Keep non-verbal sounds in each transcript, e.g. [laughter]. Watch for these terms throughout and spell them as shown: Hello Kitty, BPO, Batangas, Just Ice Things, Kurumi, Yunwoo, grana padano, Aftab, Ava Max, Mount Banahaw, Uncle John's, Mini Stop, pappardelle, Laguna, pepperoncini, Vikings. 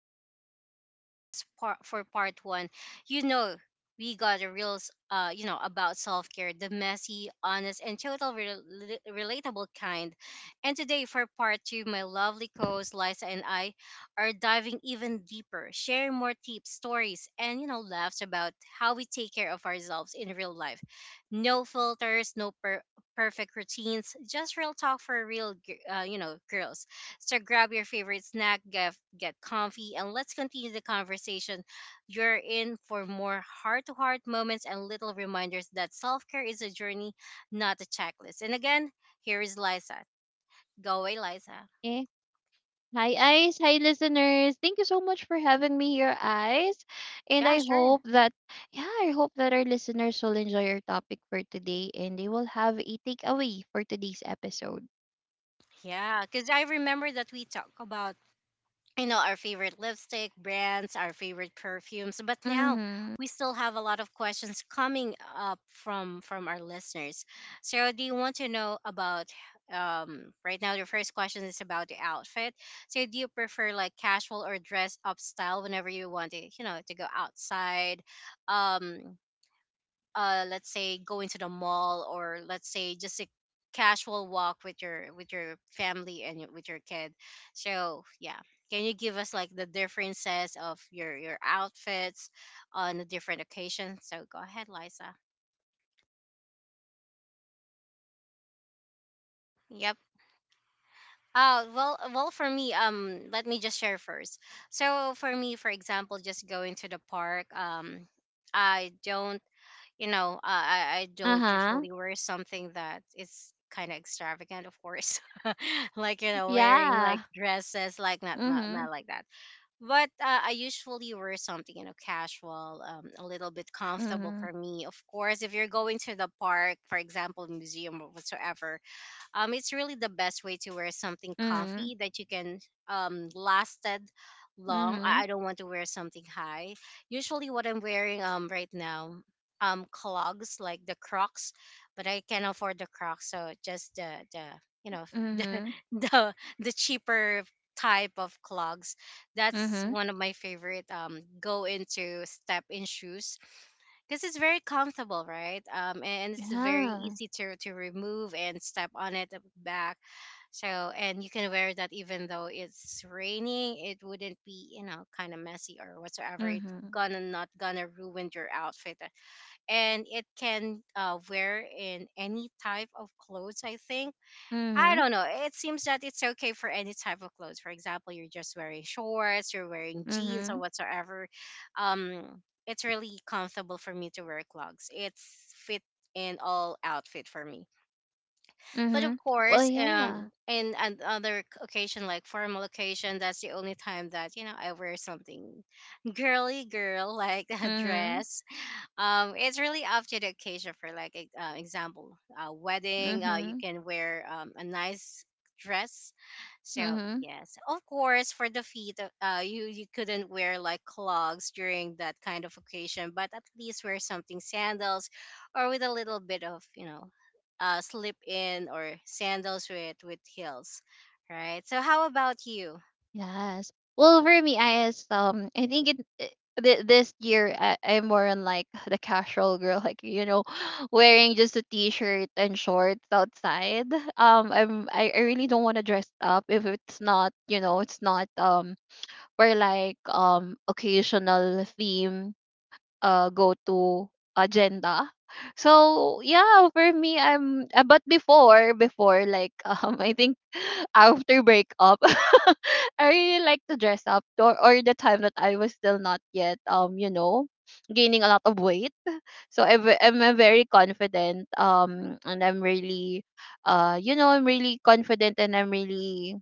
And if you joined us for part one, you know we got a real, about self care, the messy, honest, and total relatable kind. And today for part two, my lovely co host, Liza, and I are diving even deeper, sharing more tips, stories, and, laughs about how we take care of ourselves in real life. No filters, no perfect routines, just real talk for real, girls. So grab your favorite snack, get comfy, and let's continue the conversation. You're in for more heart-to-heart moments and little reminders that self-care is a journey, not a checklist. And again, here is Liza. Go away, Liza. Eh, Hi, Ice. Hi, listeners. Thank you so much for having me here, Ice. And Yeah, I sure. hope yeah, I hope that our listeners will enjoy our topic for today and they will have a takeaway for today's episode. Yeah, because I remember that we talk about our favorite lipstick brands, our favorite perfumes, but now Mm-hmm. we still have a lot of questions coming up from our listeners. So do you want to know about, right now, the first question is about the outfit. So do you prefer like casual or dress up style whenever you want to, to go outside? um let's say going to the mall, or let's say just a casual walk with your, with your family, and with your kid. So yeah, can you give us like the differences of your, outfits on the different occasions? So go ahead, Liza. Yep. Well, for me, let me just share first. So for me, for example, just going to the park, I don't, I don't Uh-huh. usually wear something that is kind of extravagant, of course, [laughs] like, wearing like Yeah. dresses, like not not Mm-hmm. not like that. But I usually wear something, casual, a little bit comfortable Mm-hmm. for me. Of course, if you're going to the park, for example, museum or whatsoever, it's really the best way to wear something Mm-hmm. comfy that you can lasted long. Mm-hmm. I don't want to wear something high. Usually, what I'm wearing right now, clogs like the Crocs, but I can't afford the Crocs, so just the you know [laughs] the Mm-hmm. the cheaper type of clogs. That's Mm-hmm. one of my favorite go into step in shoes, because it's very comfortable, right? And it's very Yeah. easy to remove and step on it at the back. So and you can wear that even though it's raining, it wouldn't be, kind of messy or whatsoever. It Mm-hmm. gonna not gonna ruin your outfit, and it can wear in any type of clothes. I think I Mm-hmm. don't know. It seems that it's okay for any type of clothes. For example, you're just wearing shorts, you're wearing jeans or Mm-hmm. whatsoever. Um, it's really comfortable for me to wear clogs. It's fit in all outfit for me. But Mm-hmm. of Well, course, yeah. In another occasion like formal occasion, that's the only time that, I wear something girly girl like [laughs] a Mm-hmm. dress. It's really up to the occasion. For like example, wedding, you Mm-hmm. can wear a nice dress. So Mm-hmm. yes, of course, for the feet, you couldn't wear like clogs during that kind of occasion, but at least wear something sandals, or with a little bit of, slip in or sandals with heels, right? So how about you? Yes. Well, for me, I is I think this year I'm more on like the casual girl, [laughs] like you know, [sighs] wearing just a t-shirt and shorts outside. I'm I really don't want to dress up if it's not you know it's not for like occasional theme go-to agenda. So yeah, for me, I'm but before like [laughs] I think after breakup, [laughs] I really like to dress up or the time that I was still not yet you know gaining a lot of weight. So I'm a very confident and I'm really you know I'm really confident and I'm really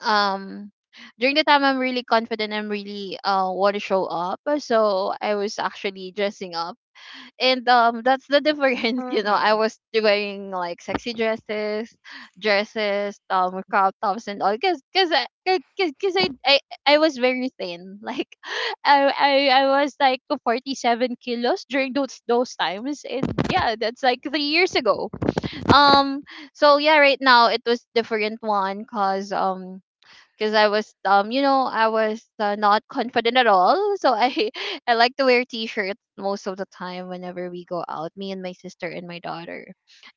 um during the time I'm really confident I'm really want to show up, so I was actually dressing up and that's the difference, [laughs] you know I Mm-hmm. was wearing like sexy dresses crop tops and all because I I was very thin [laughs] like I was like 47 kilos during those times, and yeah that's like 3 years ago. um so yeah, right now it was different one cause because I was you know I was not confident at all. So I [laughs] I like to wear t-shirts most of the time whenever we go out, me and my sister and my daughter.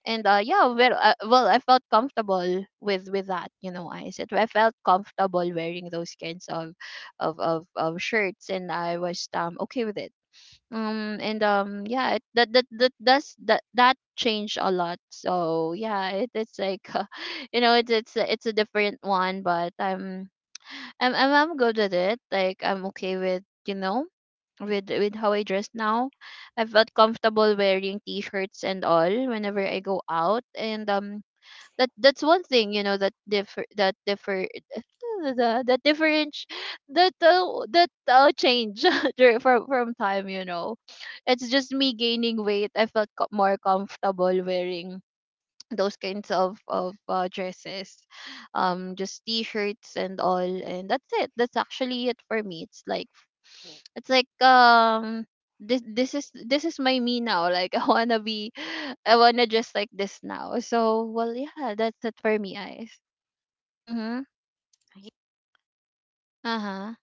And yeah, well I felt comfortable with that, you know, I said I felt comfortable wearing those kinds of of shirts and I was okay with it. And yeah it, that that that does that that changed a lot, so yeah it's like [laughs] you know it's a different one but I'm good with it. Like I'm okay with you know with how I dress now. I felt comfortable wearing t-shirts and all whenever I go out, and that that's one thing you know that differ [laughs] the that different that that change [laughs] from time you know. It's just me gaining weight. I felt more comfortable wearing those kinds of dresses, just t-shirts and all, and that's it, that's actually it for me, it's like this is my me now, like [laughs] I wanna just like this now, so well yeah that's it for me, eyes. Mm-hmm. Uh-huh.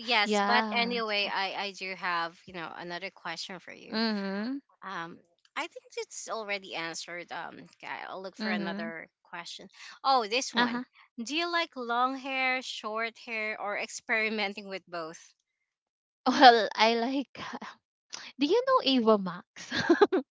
Yes, but Yes. anyway, I do have, another question for you. Mm-hmm. Um, I think it's already answered. Okay, I'll look for Mm-hmm. another question. Oh, this one. Uh-huh. Do you like long hair, short hair, or experimenting with both? [laughs] Well, I like, do you know Ava Max? [laughs]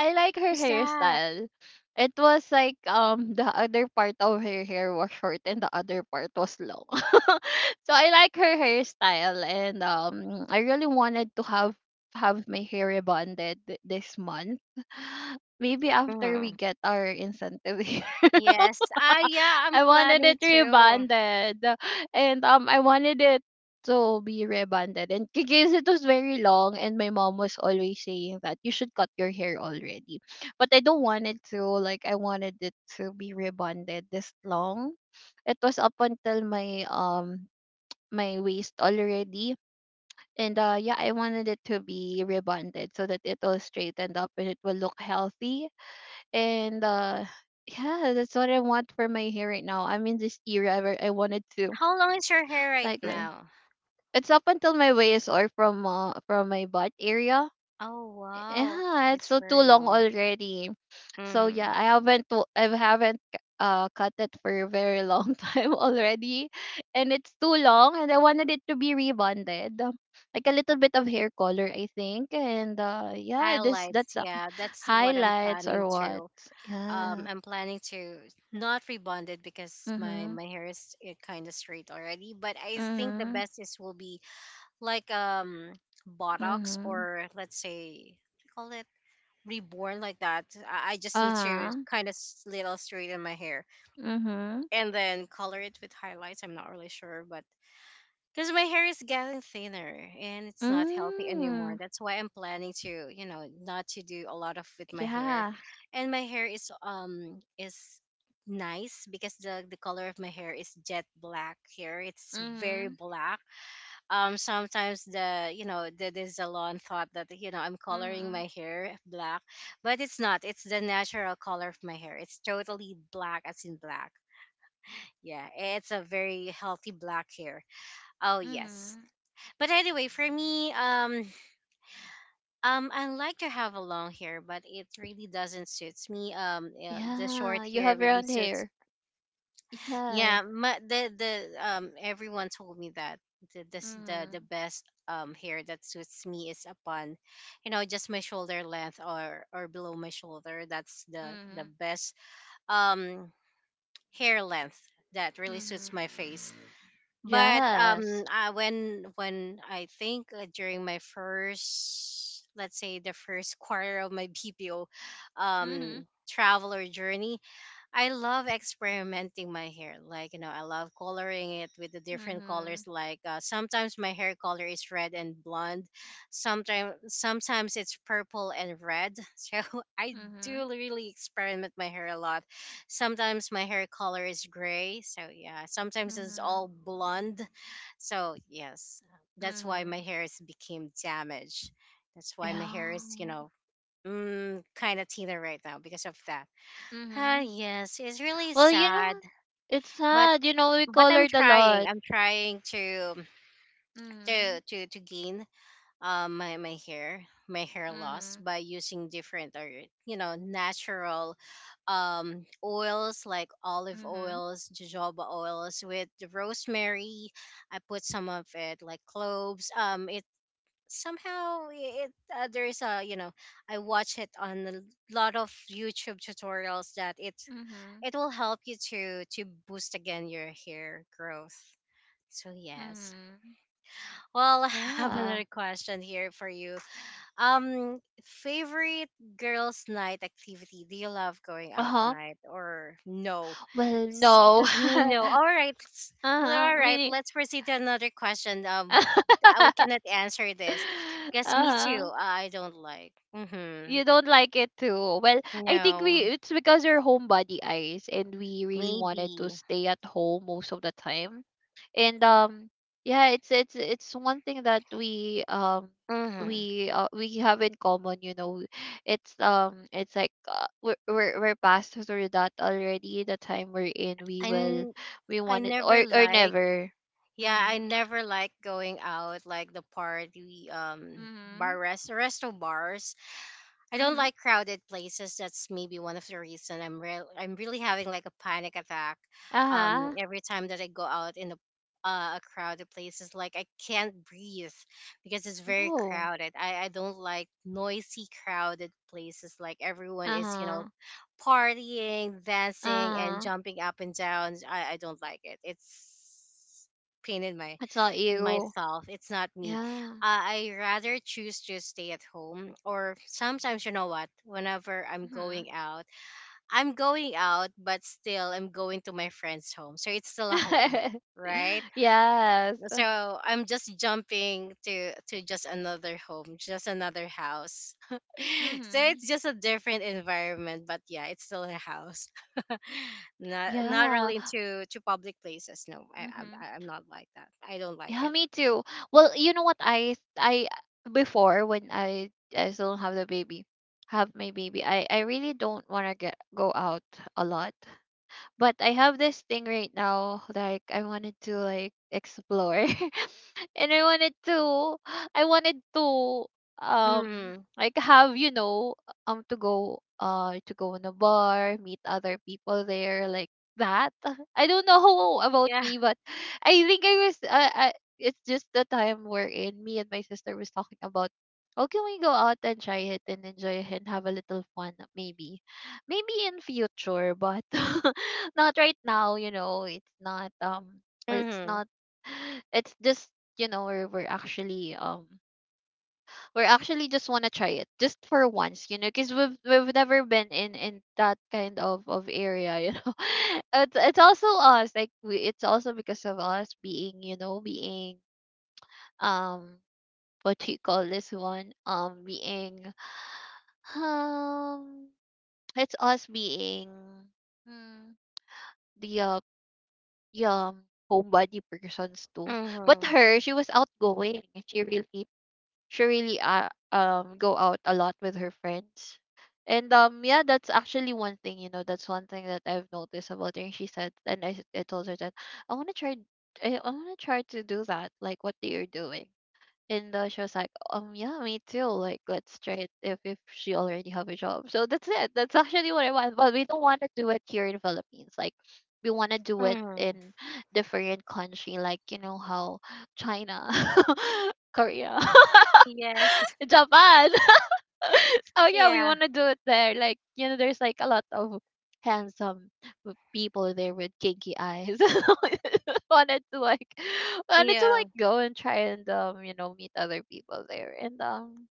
I like her Who's that? hairstyle. It was like the other part of her hair was short and the other part was long. [laughs] So I like her hairstyle, and I really wanted to have my hair rebonded this month. [sighs] Maybe after Hmm. we get our incentive. [laughs] Yes. Ah, yeah. I'm I wanted planning it to. rebonded. And I wanted it to be rebonded. And because it was very long and my mom was always saying that you should cut your hair already. But I don't want it to, like I wanted it to be rebonded this long. It was up until my my waist already. And yeah, I wanted it to be rebonded so that it will straightened up and it will look healthy. And yeah that's what I want for my hair right now, I'm in this era where I wanted to, How long is your hair right like now? it's up until my waist, or from my butt area. Oh wow, Yeah, it's it's so too very long long. already. So yeah, Hmm. I haven't cut it for a very long [laughs] time already, and it's too long and I wanted it to be rebonded, like a little bit of hair color I think. And yeah this Highlights. that's Yeah, that's what I'm highlights planning or what. to. Yeah. I'm planning to not rebond it because my Mm-hmm. my hair is kind of straight already, but I think the Mhm. best is will be like, botox, Mhm. or let's say what do you call it, reborn like that. I just need to Uh-huh. kind of little straighten my hair Mhm. and then color it with highlights. I'm not really sure, but because my hair is getting thinner and it's not healthy anymore. Mm. That's why I'm planning to, you know, not to do a lot of with my hair. Yeah. And my hair is nice because the color of my hair is jet black here. It's very Mhm. black. Sometimes the, the, salon thought that, I'm coloring Mhm. my hair black, but it's not. It's the natural color of my hair. It's totally black as in black. Yeah, it's a very healthy black hair. Oh yes. Mhm. But anyway, for me, I like to have a long hair, but it really doesn't suits me. The short Yeah, you hair have really round suits. hair. Yes. Yeah, my, the everyone told me that the this, the Mhm. best hair that suits me is upon, you know, just my shoulder length or below my shoulder. That's the Mhm. best um hair length that really suits Mhm. my face. But Yes. I, when I think during my first, let's say the first [laughs] quarter of my BPO, Mhm. traveler journey, I love experimenting my hair. Like, you know, I love coloring it with the different colors. Mhm. Like, sometimes my hair color is red and blonde. Sometimes it's purple and red. [laughs] So I Mhm. do really experiment my hair a lot. Sometimes my hair color is gray. So yeah, sometimes it's Mhm. all blonde. So yes, that's why Mhm. my hair is became damaged. That's why my hair Yeah. is, you know, mm, kind of thinner right now because of that. Ah, Mhm. yes, it's really Well, you sad, know, it's but sad. You know, we I'm colored a trying. lot. I'm trying to Mhm. To gain my, my hair loss Mhm. by using different or, natural oils like olive Mhm. oils, jojoba oils with the rosemary. I put some of it like cloves. It somehow it, there is a, I watch it on a lot of YouTube tutorials that Mhm. it will help you to boost again your hair growth. So yes, Mhm. well, [laughs] I have Yeah. another question here for you. Favorite girls night activity. Do you love going out Uh-huh. night or no? Well, no. Because me, no. All [laughs] right, let's, well, Uh-huh. all right, Meaning let's proceed to another question. We cannot [laughs] answer this. Guess me too. uh-huh. I don't like. Mm-hmm. You don't like it too. Well, I think we, No. it's because we're homebody eyes and we really wanted to Maybe. stay at home most of the time. And yeah it's it's one thing that we Mm-hmm. We have in common you know. It's it's like we're past through that already, the time we're in, we i, will n- we I want it never or like. never. Yeah, I Mm-hmm. never like going out like the party, Mm-hmm. bar, resto bars. I don't Mm-hmm. like crowded places. That's maybe one of the reason I'm really having like a panic attack Uh-huh. every time that I go out in a crowded places. Like I can't breathe because it's very Oh. crowded. I don't like noisy crowded places, like everyone is, you know, Uh-huh. partying, dancing, and Uh-huh. jumping up and down. I don't like it. It's pain in my, It's not in you. myself. It's not me. Yeah. I rather choose to stay at home. Or sometimes, you know what? Whenever Mm-hmm. I'm going out, but still I'm going to my friend's home. So it's still a home, right? [laughs] Yes. So I'm just jumping to, just another home, just another house. [laughs] So Mm-hmm. it's just a different environment, but yeah, it's still a house. [laughs] Not Yeah. really into to public places. No, Mm-hmm. I'm not like that. I don't like Yeah, it. me too. Well, you know what, I before when I still have the baby, have my baby. I really don't want to get go out a lot. But I have this thing right now, like I wanted to like explore, [laughs] and I wanted to, Hmm. Like have you know, to go in a bar, meet other people there, like that. [laughs] I don't know [laughs] about Yeah. me, but I think I was, it's just the time wherein me and my sister was talking about how can we go out and try it and enjoy it and have a little fun maybe. Maybe in future, but [laughs] not right now, you know, it's Hmm. not [sighs] it's just you know we're actually just want to try it just for once you know because we've never been in that kind of area you know. [laughs] It's also us, like we, it's also because of us being you know being um what do you call this one, being um it's us being, hmm, the yeah, homebody persons too. But Hmm. her, she was outgoing. She really go out a lot with her friends. And yeah, that's actually one thing, you know, that's one thing that I've noticed about her. And she said, and I told her that I want to try, I want to try to do that, like what they are doing. And she was like, yeah, me too. Like, let's try it if she already have a job. So that's it. That's actually what I want. But we don't want to do it here in Philippines. Like, we want to do it Hmm. in different country. Like, you know, how China, [laughs] Korea, [laughs] Yes. [laughs] [laughs] Japan. [laughs] So yeah, we Yeah. want to do it there. Like you know, there's like a lot of handsome people there with kinky eyes. [laughs] Wanted to like, wanted to Yeah. like go and try and you know meet other people there and.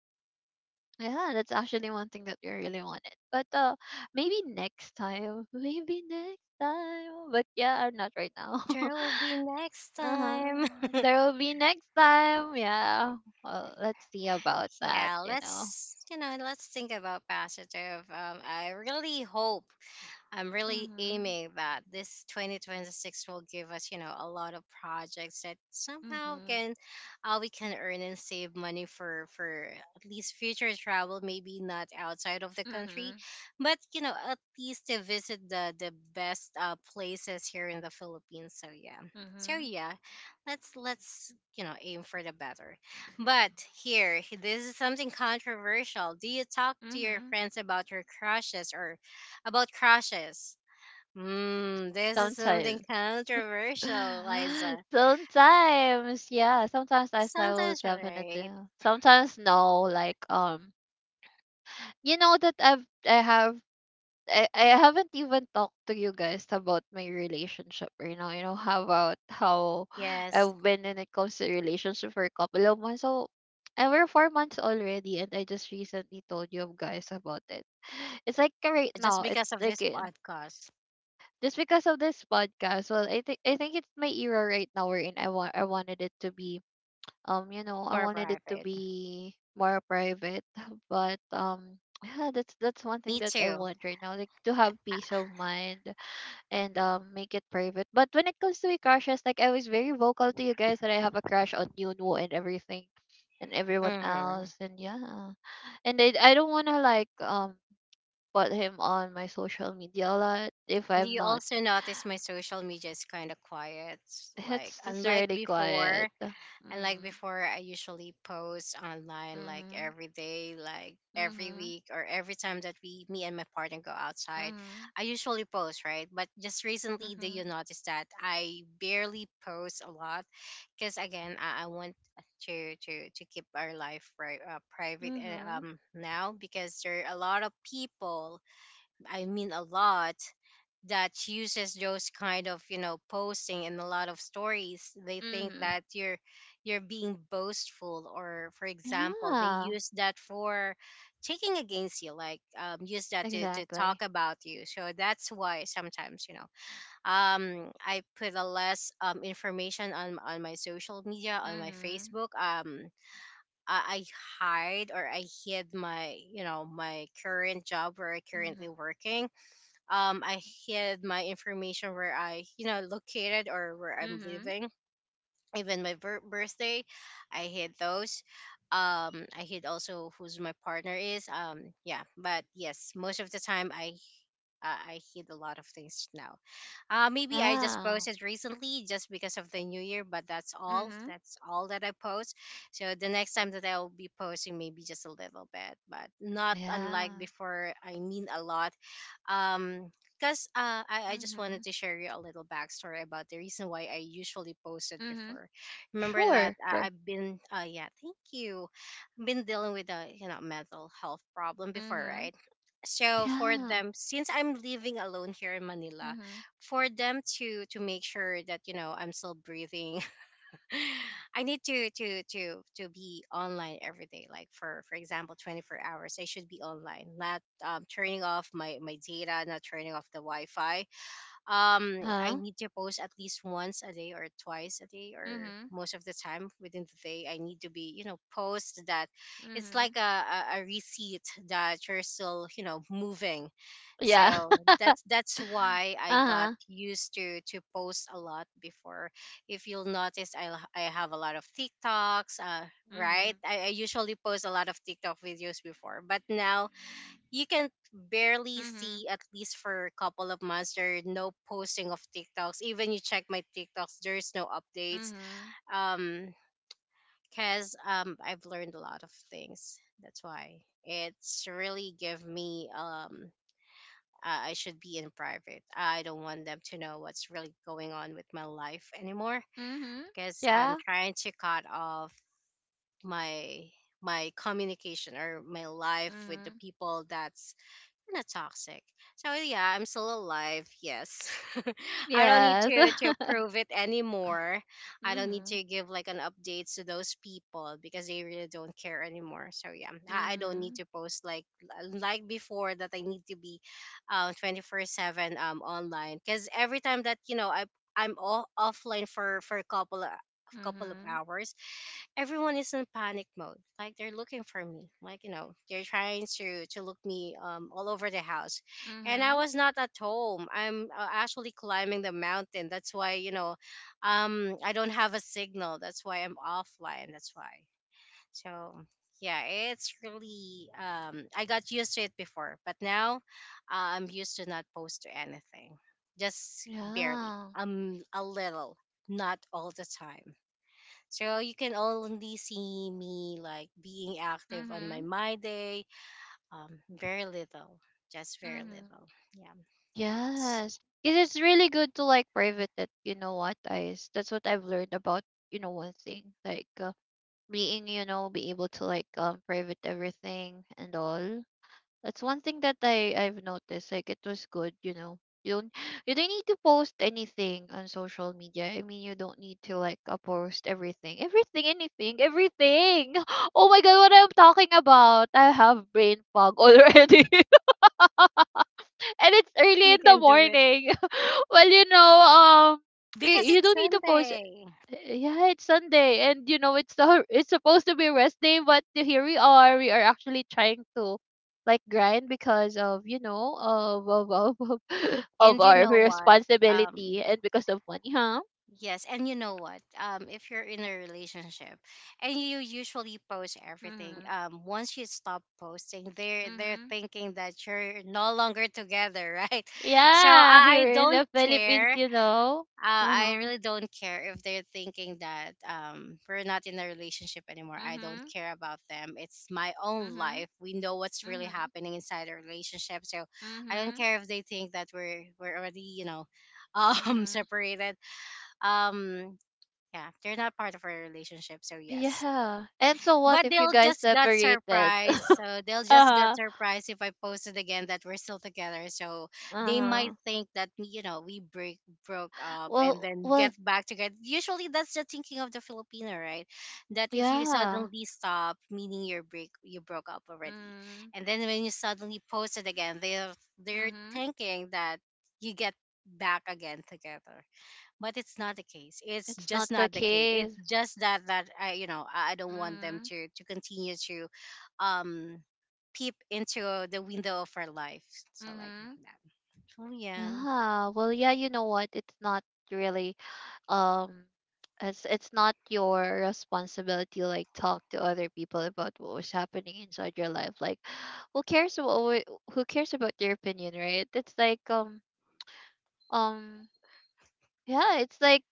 Yeah, that's actually one thing that we really wanted. But maybe next time. [laughs] Maybe next time. But yeah, not right now. [laughs] There will be next Uh-huh. time. [laughs] There will be next time. Yeah. Well, let's see about that, Yeah. you know. Let's, you know, let's think about positive. I really hope, I'm really Mm-hmm. aiming that this 2026 will give us, you know, a lot of projects that somehow Mm-hmm. can, we can earn and save money for at least future travel, maybe not outside of the country, Mm-hmm. but you know, at least to visit the best places here in the Philippines. So yeah. So Mm-hmm. yeah, let's you know aim for the better. But here, this is something controversial. Do you talk to your Mm-hmm. friends about your crushes or about crushes? Mm, this is something Sometimes. controversial, [sighs] Liza. [laughs] Sometimes, yeah. Sometimes I say, will Sometimes, definitely. right? Sometimes no, like you know that I haven't even talked to you guys about my relationship right now. You know how about how [sighs] Yes, I've been when it comes to relationship for a couple of months. So and we're 4 months already, and I just recently told you guys about it. It's like right just now, because it's of this like podcast, just because of this podcast. Well, I think it's my era right now. We're in. I wanted it to be you know I more wanted it to private. be more private, [laughs] but [sighs] yeah that's one thing Me that I too. want right now, like to have peace of mind and make it private. But when it comes to my crushes, like I was very vocal to you guys that I have a crush on Yunwoo and everything and everyone Mm-hmm. else, and yeah. And I don't wanna like put him on my social media a lot if I'm You not. also notice my social media is kind of quiet. Like, It's just unlike really before, quiet. and like Mm-hmm. before, I usually post online like Mm-hmm. every day, like every week, or every time that we, me and my partner go outside, Mm-hmm. I usually post, right? But just recently, do Mm-hmm. you notice that I barely post a lot? Because again, I want to keep our life right, private, and Mm-hmm. Now because there are a lot of people. I mean, a lot that uses those kind of posting in a lot of stories. They think Mm-hmm. that you're being boastful, or for example, they Yeah. use that for taking against you, like use that to talk Exactly. about you. So that's why sometimes, I put a less information on my social media, on my Mm-hmm. Facebook. I hide, or I hid my my current job where I Mm-hmm. currently working. I hid my information where I, located, or where I'm Mm-hmm. living. Even my birthday, I hid those. I hid also who's my partner is. Yeah, but yes, most of the time I, I hid a lot of things now. Maybe I just Yeah. posted recently just because of the new year, but that's all. Mm-hmm. That's all that I post. So the next time that I'll be posting, maybe just a little bit, but not unlike Yeah. before. I mean a lot. Um, because I just Mm-hmm. wanted to share you a little backstory about the reason why I usually posted Mm-hmm. before. Remember that Sure. I, Sure. I've been, yeah, thank you. I've been dealing with a mental health problem before, Mm-hmm. right? So for Yeah. them, since I'm living alone here in Manila, Mm-hmm. for them to make sure that I'm still breathing, [laughs] I need to be online every day, like for example, 24 hours, I should be online, not turning off my my data, not turning off the Wi-Fi. I Uh-huh. need to post at least once a day or twice a day, or Mm-hmm. most of the time within the day, I need to be, post that. It's Mm-hmm. like a receipt that you're still moving. Yeah. So that's [laughs] that's why I got Uh-huh. used to post a lot before. If you'll notice, I have a lot of TikToks, uh, right. Mm-hmm. I usually post a lot of TikTok videos before, but now you can barely Mm-hmm. see. At least for a couple of months, there are no posting of TikToks. Even you check my TikToks, there's no updates. Mm-hmm. Um, cause I've learned a lot of things. That's why it's really give me um, I should be in private. I don't want them to know what's really going on with my life anymore. Mm-hmm. Cause I'm Yeah. trying to cut off my my communication or my life with the Mm-hmm. people that's not toxic. So yeah, I'm still alive. Yes, [laughs] I don't need Yes. To [laughs] prove it anymore. I don't need Mhm. to give like an updates to those people because they really don't care anymore. So yeah, I don't need Mhm. to post like before, that I need to be, 24/7 online, because every time that I, I'm all offline for a couple of Mhm. hours, everyone is in panic mode. Like they're looking for me. Like, they're trying to look me all over the house, and I Mhm. was not at home. I'm, actually climbing the mountain. That's why, I don't have a signal. That's why I'm offline. That's why. So yeah, it's really um, I got used to it before, but now, I'm used to not post to anything. Just barely. Yeah. A little, not all the time. So you can only see me like being active on my Mhm. my day. Very little, just very Mhm. little. Yeah, S- Yes. Because it's really good to like private it. You know what, guys? That's what I've learned about. You know one thing, like be able to private everything and all. That's one thing that I've noticed. Like it was good, you know. You don't [gasps] you don't need to post anything on social media. I mean, you don't need to post everything. [gasps] Oh my god, what I'm talking about? I have brain fog already, [laughs] and it's early you in the can do it morning. [laughs] Well, because you it's don't need to post. Sunday. Eh, yeah, it's Sunday, and you know it's the [laughs] it's supposed to be rest day, but here we are. We are actually trying to like grind because of [laughs] of And you our know what? Um, responsibility and because of money, huh? yes, and you know what? If you're in a relationship and you usually post everything, Mm-hmm. Once you stop posting, they're Mm-hmm. thinking that you're no longer together, [laughs] right? So Yeah, I here I in don't the Philippines, care. you know. Uh, Uh I huh. really don't care if they're thinking that, we're not in a relationship anymore. I don't Mm-hmm. care about them. It's my own Mm-hmm. life. We know what's really Mm-hmm. happening inside a relationship, so I don't Mm-hmm. care if they think that we're already, [laughs] um, Mm-hmm. separated. Um, yeah, they're not part of our relationship, so yes. Yeah. And so what But if you they'll guys just got separated? [laughs] surprised. uh So they'll just got huh. surprised if I posted again that we're still together. So Uh they might huh. think that we break broke up and Well, then get well. back together. Usually that's the thinking of the Filipino, right? That if you Yeah. suddenly stop, meaning you're break you broke up already, Mm. and then when you suddenly post it again, they're Mhm. thinking that you get back again together. But it's not the case. It's It's not just the not the case. It's case. just that that I you know I don't want them Mhm. To continue to, um, peep into the window of our life, so like Mhm. that. So yeah, Yeah, well, yeah, you know what? It's not really um it's not your responsibility to like talk to other people about what was happening inside your life. Like who cares who cares about your opinion, right? It's like um yeah, it's like,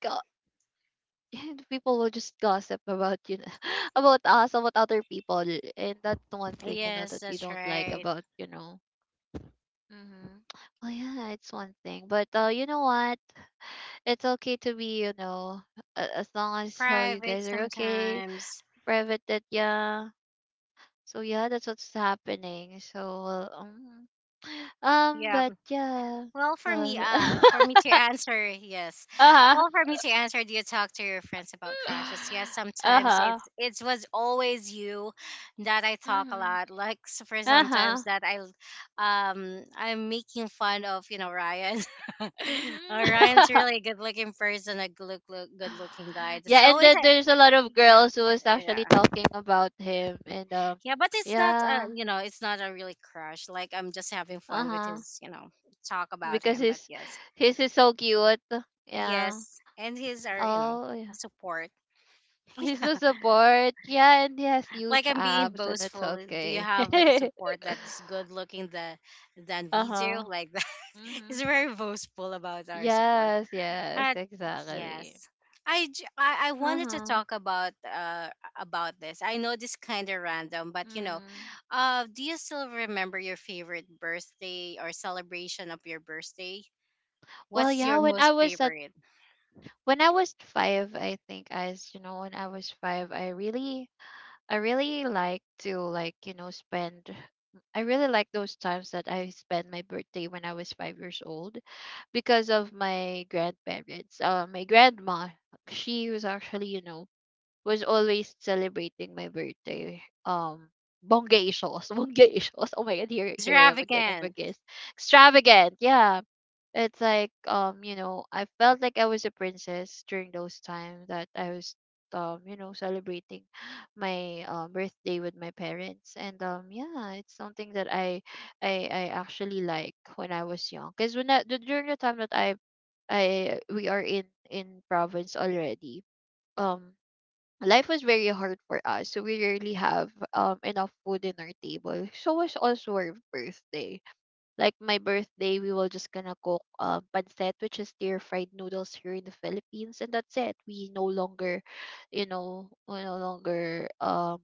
and people will just gossip about, [laughs] about us, about other people, and that's the one thing you know yes, that we that's don't like right, about, you know. Hmm. Well, yeah, it's one thing, but you know what, it's okay to be, you know, as long as how you private guys are okay, sometimes. private, that. Yeah, so yeah, that's what's happening. So [sighs] Yeah. but yeah. Well, Well for me to [laughs] answer, yes. uh-huh. Well, for me to answer, do you talk to your friends about crushes? Yes, [laughs] sometimes uh-huh. it's it was always you that I talk a Mhm, lot. Like for sometimes uh-huh. that I, I'm making fun of Ryan. [laughs] Mhm. Ryan's [laughs] really good looking person, a good looking guy. [sighs] Yeah, So and it's then a there's a lot of yeah, girls who was actually yeah, talking about him and yeah. But it's not, yeah. It's not a really crush. Like I'm just having fun with Uh-huh. his, talk about because him. But his, yes. his is so cute. Yeah. Yes, and his are Oh a yeah. support. He's so [laughs] support, yeah, and he has Like huge I'm being abs, and it's boastful. Do you okay. have like a [laughs] support that's good looking the than we do? Uh-huh. Like that, [laughs] Mm-hmm. it's very boastful about our support. Yes, yes, Uh, exactly. yes. I wanted to Uh-huh. talk about this. I know this kind of random, but you know, Mm. Do you still remember your favorite birthday or celebration of your birthday? Well, What's yeah, your most favorite? when I was five, I think, as you know, when I was five, I really I really like to like, you know, spend I really like those times that I spent my birthday when I was 5 years old because of my grandparents. My grandma, she was actually, you know, was always celebrating my birthday. Bonggacious, [laughs] bonggacious. Oh my god, here, here I am again. I'm a Extravagant. guest. Extravagant. Yeah, it's like, you know, I felt like I was a princess during those time that I was, you know, celebrating [gasps] my birthday with my parents. And yeah, it's something that I actually like when I was young. Cuz during the time that I we are in province already. Um, life was very hard for us, so we rarely have enough food in our table, so was also our birthday, like my birthday, we will just gonna cook pancit, which is stir fried noodles here in the Philippines, and that's it. We no longer, you know,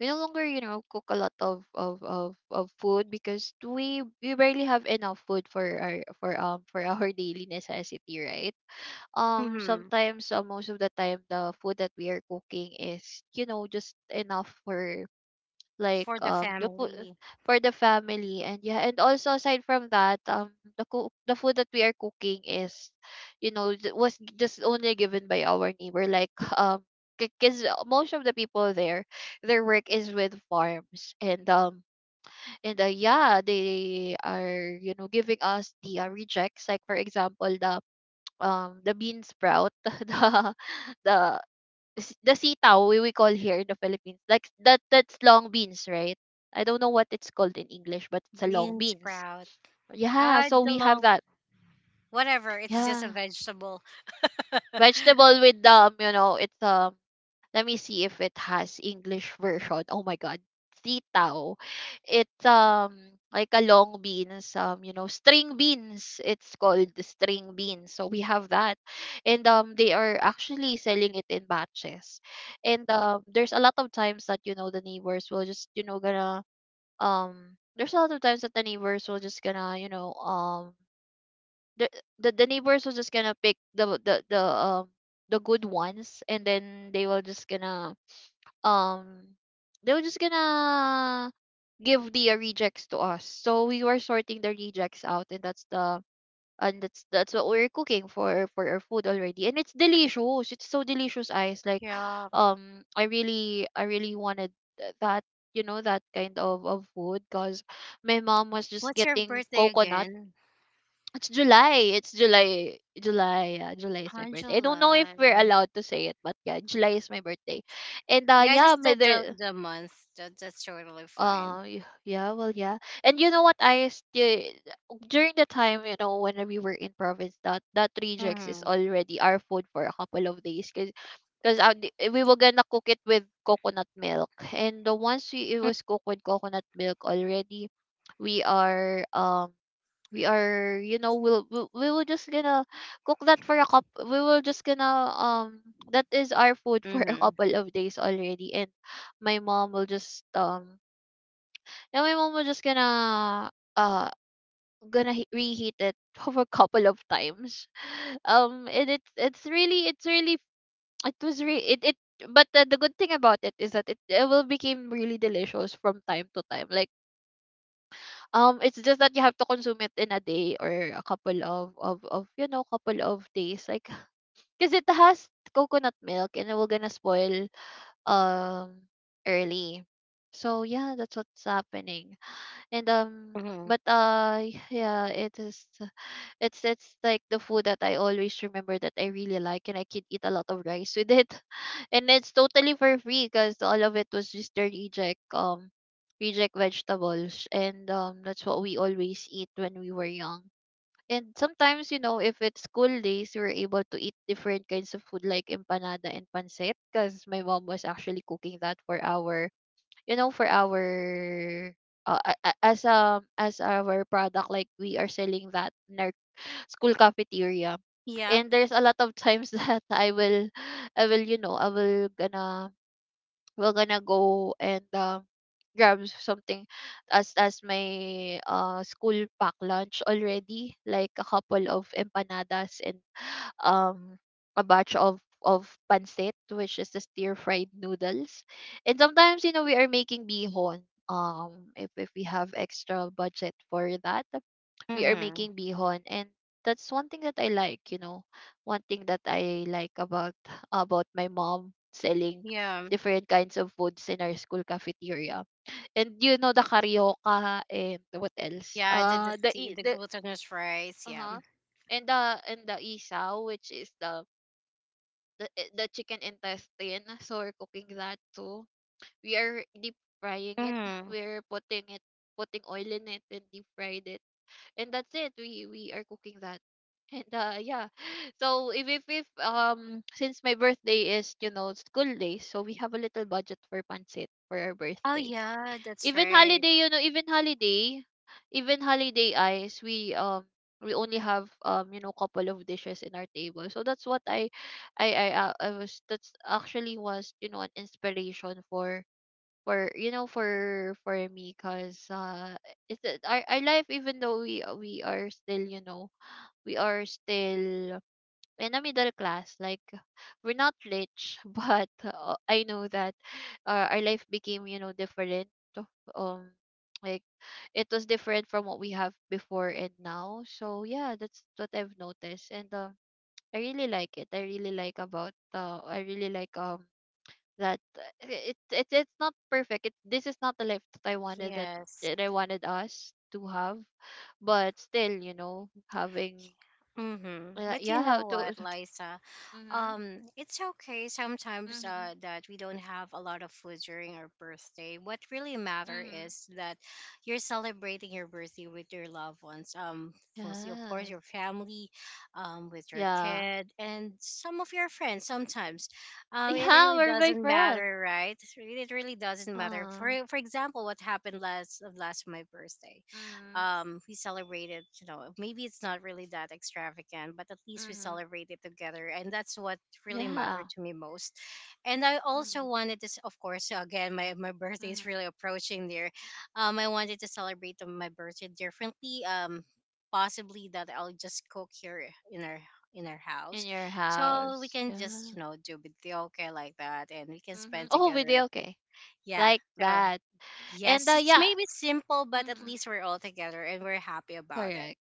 we no longer you know cook a lot of food because we barely have enough food for our [laughs] daily necessity, right? Mm-hmm. Sometimes most of the time the food that we are cooking is, you know, just enough for like For the the food family. for the family. And yeah, and also aside from that, the food that we are cooking is you know was just only given by our neighbor, like [laughs] um because most of the people there, their work is with farms, and yeah, they are, you know, giving us the rejects, like for example the bean sprout, [laughs] the the sitaw we call here in the Philippines. Like that, that's long beans, right? I don't know what it's called in English, but it's a long Bean beans. sprout. Yeah, Ah, so the we have long that. whatever. It's just a Yeah. vegetable. [laughs] Vegetable with, you know, it's um, let me see if it has English version. Oh my god. Sitaw. It's like a long beans, you know, string beans. It's called the string beans. So we have that. And they are actually selling it in batches. And there's a lot of times that, you know, the neighbors will just, you know, gonna um, there's a lot of times that the neighbors will just gonna, you know, the the neighbors will just gonna pick the good ones, and then they will just gonna um they were just gonna give the rejects to us. So we were sorting the rejects out, and that's the, and that's what we're cooking for our food already. And it's delicious. It's so delicious, eyes. Like Yeah. [sighs] um, I really wanted that, you know, that kind of food because my mom was just What's your getting birthday coconut. again? It's July. It's July. July. Yeah, July is my On birthday. I don't know if we're July. allowed to say it, but yeah, July is my birthday. And Yeah, yeah, just my, there the month. That's totally fine. uh, y- yeah, well, yeah. And you know what? I still during the time, you know, when we were in province, that that rejects is Mhm. already our food for a couple of days, cause, cause we were gonna cook it with coconut milk, and the once we it was cooked with coconut milk already, we are um, we are, you know, we will just gonna cook that for a cup, we will just gonna um, that is our food for [laughs] a Mhm. couple of days already. And my mom will just now my mom was just gonna gonna reheat it [laughs] for a couple of times. [laughs] Um, and it's really it was re it, it, but the good thing about it is that it will became really delicious from time to time. Like um, it's just that you have to consume it in a day or a couple of, you know, couple of days like [sighs] because it has coconut milk, and it will gonna spoil um early. So yeah, that's what's happening. And um, Mhm. but yeah, it is, it's like the food that I always remember that I really like, and I could eat a lot of rice with it. [laughs] And it's totally for free because all of it was just the reject reject vegetables, and that's what we always eat when we were young. And sometimes, you know, if it's school days, we were able to eat different kinds of food like empanada and pancit because my mom was actually cooking that for our, you know, for our as our product, like we are selling that in our school cafeteria. Yeah. And there's a lot of times [laughs] that I will, you know, I will gonna we're gonna go and grab something as my school pack lunch already, like a couple of empanadas and um a batch of pancit, which is the stir fried noodles. And sometimes, you know, we are making bihon. If we have extra budget for that, we are Mhm. making bihon, and that's one thing that I like. You know, one thing that I like about my mom selling Yeah. different kinds of foods in our school cafeteria. And you know the carioca and what else? Yeah. The I- The the glutinous rice. uh Yeah. huh, and the, and the isaw, which is the eh, the chicken intestine. So we're cooking that too. We are deep frying it. Mhm. We're putting it, putting oil in it and deep fried it. And that's it. We are cooking that. And yeah. [laughs] [sighs] So if since my birthday is, you know, school day, so we have a little budget for pancit for our Oh birthday. yeah, that's Even right. holiday, you know, even holiday eyes we only have you know couple of dishes in our table. So that's what I was that's actually was, an inspiration for for me, cuz it's, our life. Even though we are still, we are still in a middle class. Like we're not rich, [laughs] but I know that, our life became, different. um like it was different from what we have before and now. So yeah, that's what I've noticed. And I really like it. I really like That it, it's not perfect. This is not the life that I wanted, Yes. that I wanted us to have. But still, having, Mm-hmm. But you yeah, how know to. [laughs] what, Liza? Mm-hmm, It's okay sometimes, mm-hmm. That we don't have a lot of food during our birthday. What really matter Mm-hmm. is that you're celebrating your birthday with your loved ones. Mostly, of course, Yes. your family, with your Yeah. [laughs] kid, and some of your friends. Sometimes, it Yeah, really we're my doesn't friends. matter, right? It really doesn't matter. For Uh, example, what happened last of last my birthday, Mm-hmm, um, we celebrated, maybe it's not really that extravagant, but at least we mm-hmm, celebrated together, and that's what really yeah, mattered to me most. And I also mm-hmm, wanted to of course, again, my [laughs] birthday is mm-hmm. really approaching there. Um, I wanted to celebrate my birthday differently. Um, possibly that I'll just cook here in our In house, your so we house. can just, Yeah. Do video okay, like that, and we can Mm-hmm. spend Oh, together. video. Okay. Yeah, Like so that. And, yes, it's yeah, maybe simple, but at mm-hmm, least we're all together, and we're happy about it. correct.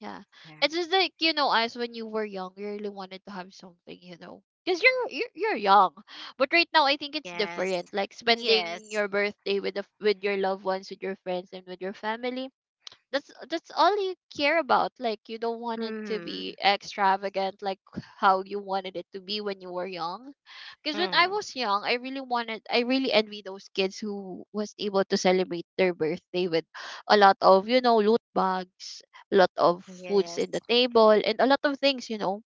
Yeah. Yeah. It's just like, us when you were young, you really wanted to have something, you know. Because you're young, but right now I think it's Yes. different. Like spending Yes. your birthday with with your loved ones, with your friends, and with your family, that's all you care about. Like you don't want it to Mm. be extravagant, like how you wanted it to be when you were young. Because when I Mm. was young, I really wanted, I really envy those kids who was able to celebrate their birthday with a lot of, loot bags, a lot of foods in Yes. the table, and a lot of things, you know.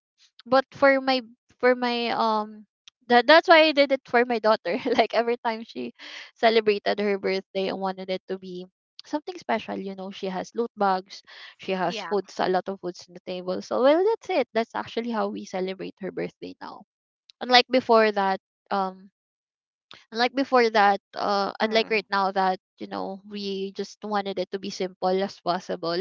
But for my, for my um that's why I did it for my daughter, [laughs] like every time she celebrated her birthday I wanted it to be something special, you know. She has loot bags, she has Yeah. foods, a lot of foods on the table. So well, that's it. That's actually how we celebrate her birthday now, unlike before that, um unlike Mm. right now, that, we just wanted it to be simple as possible.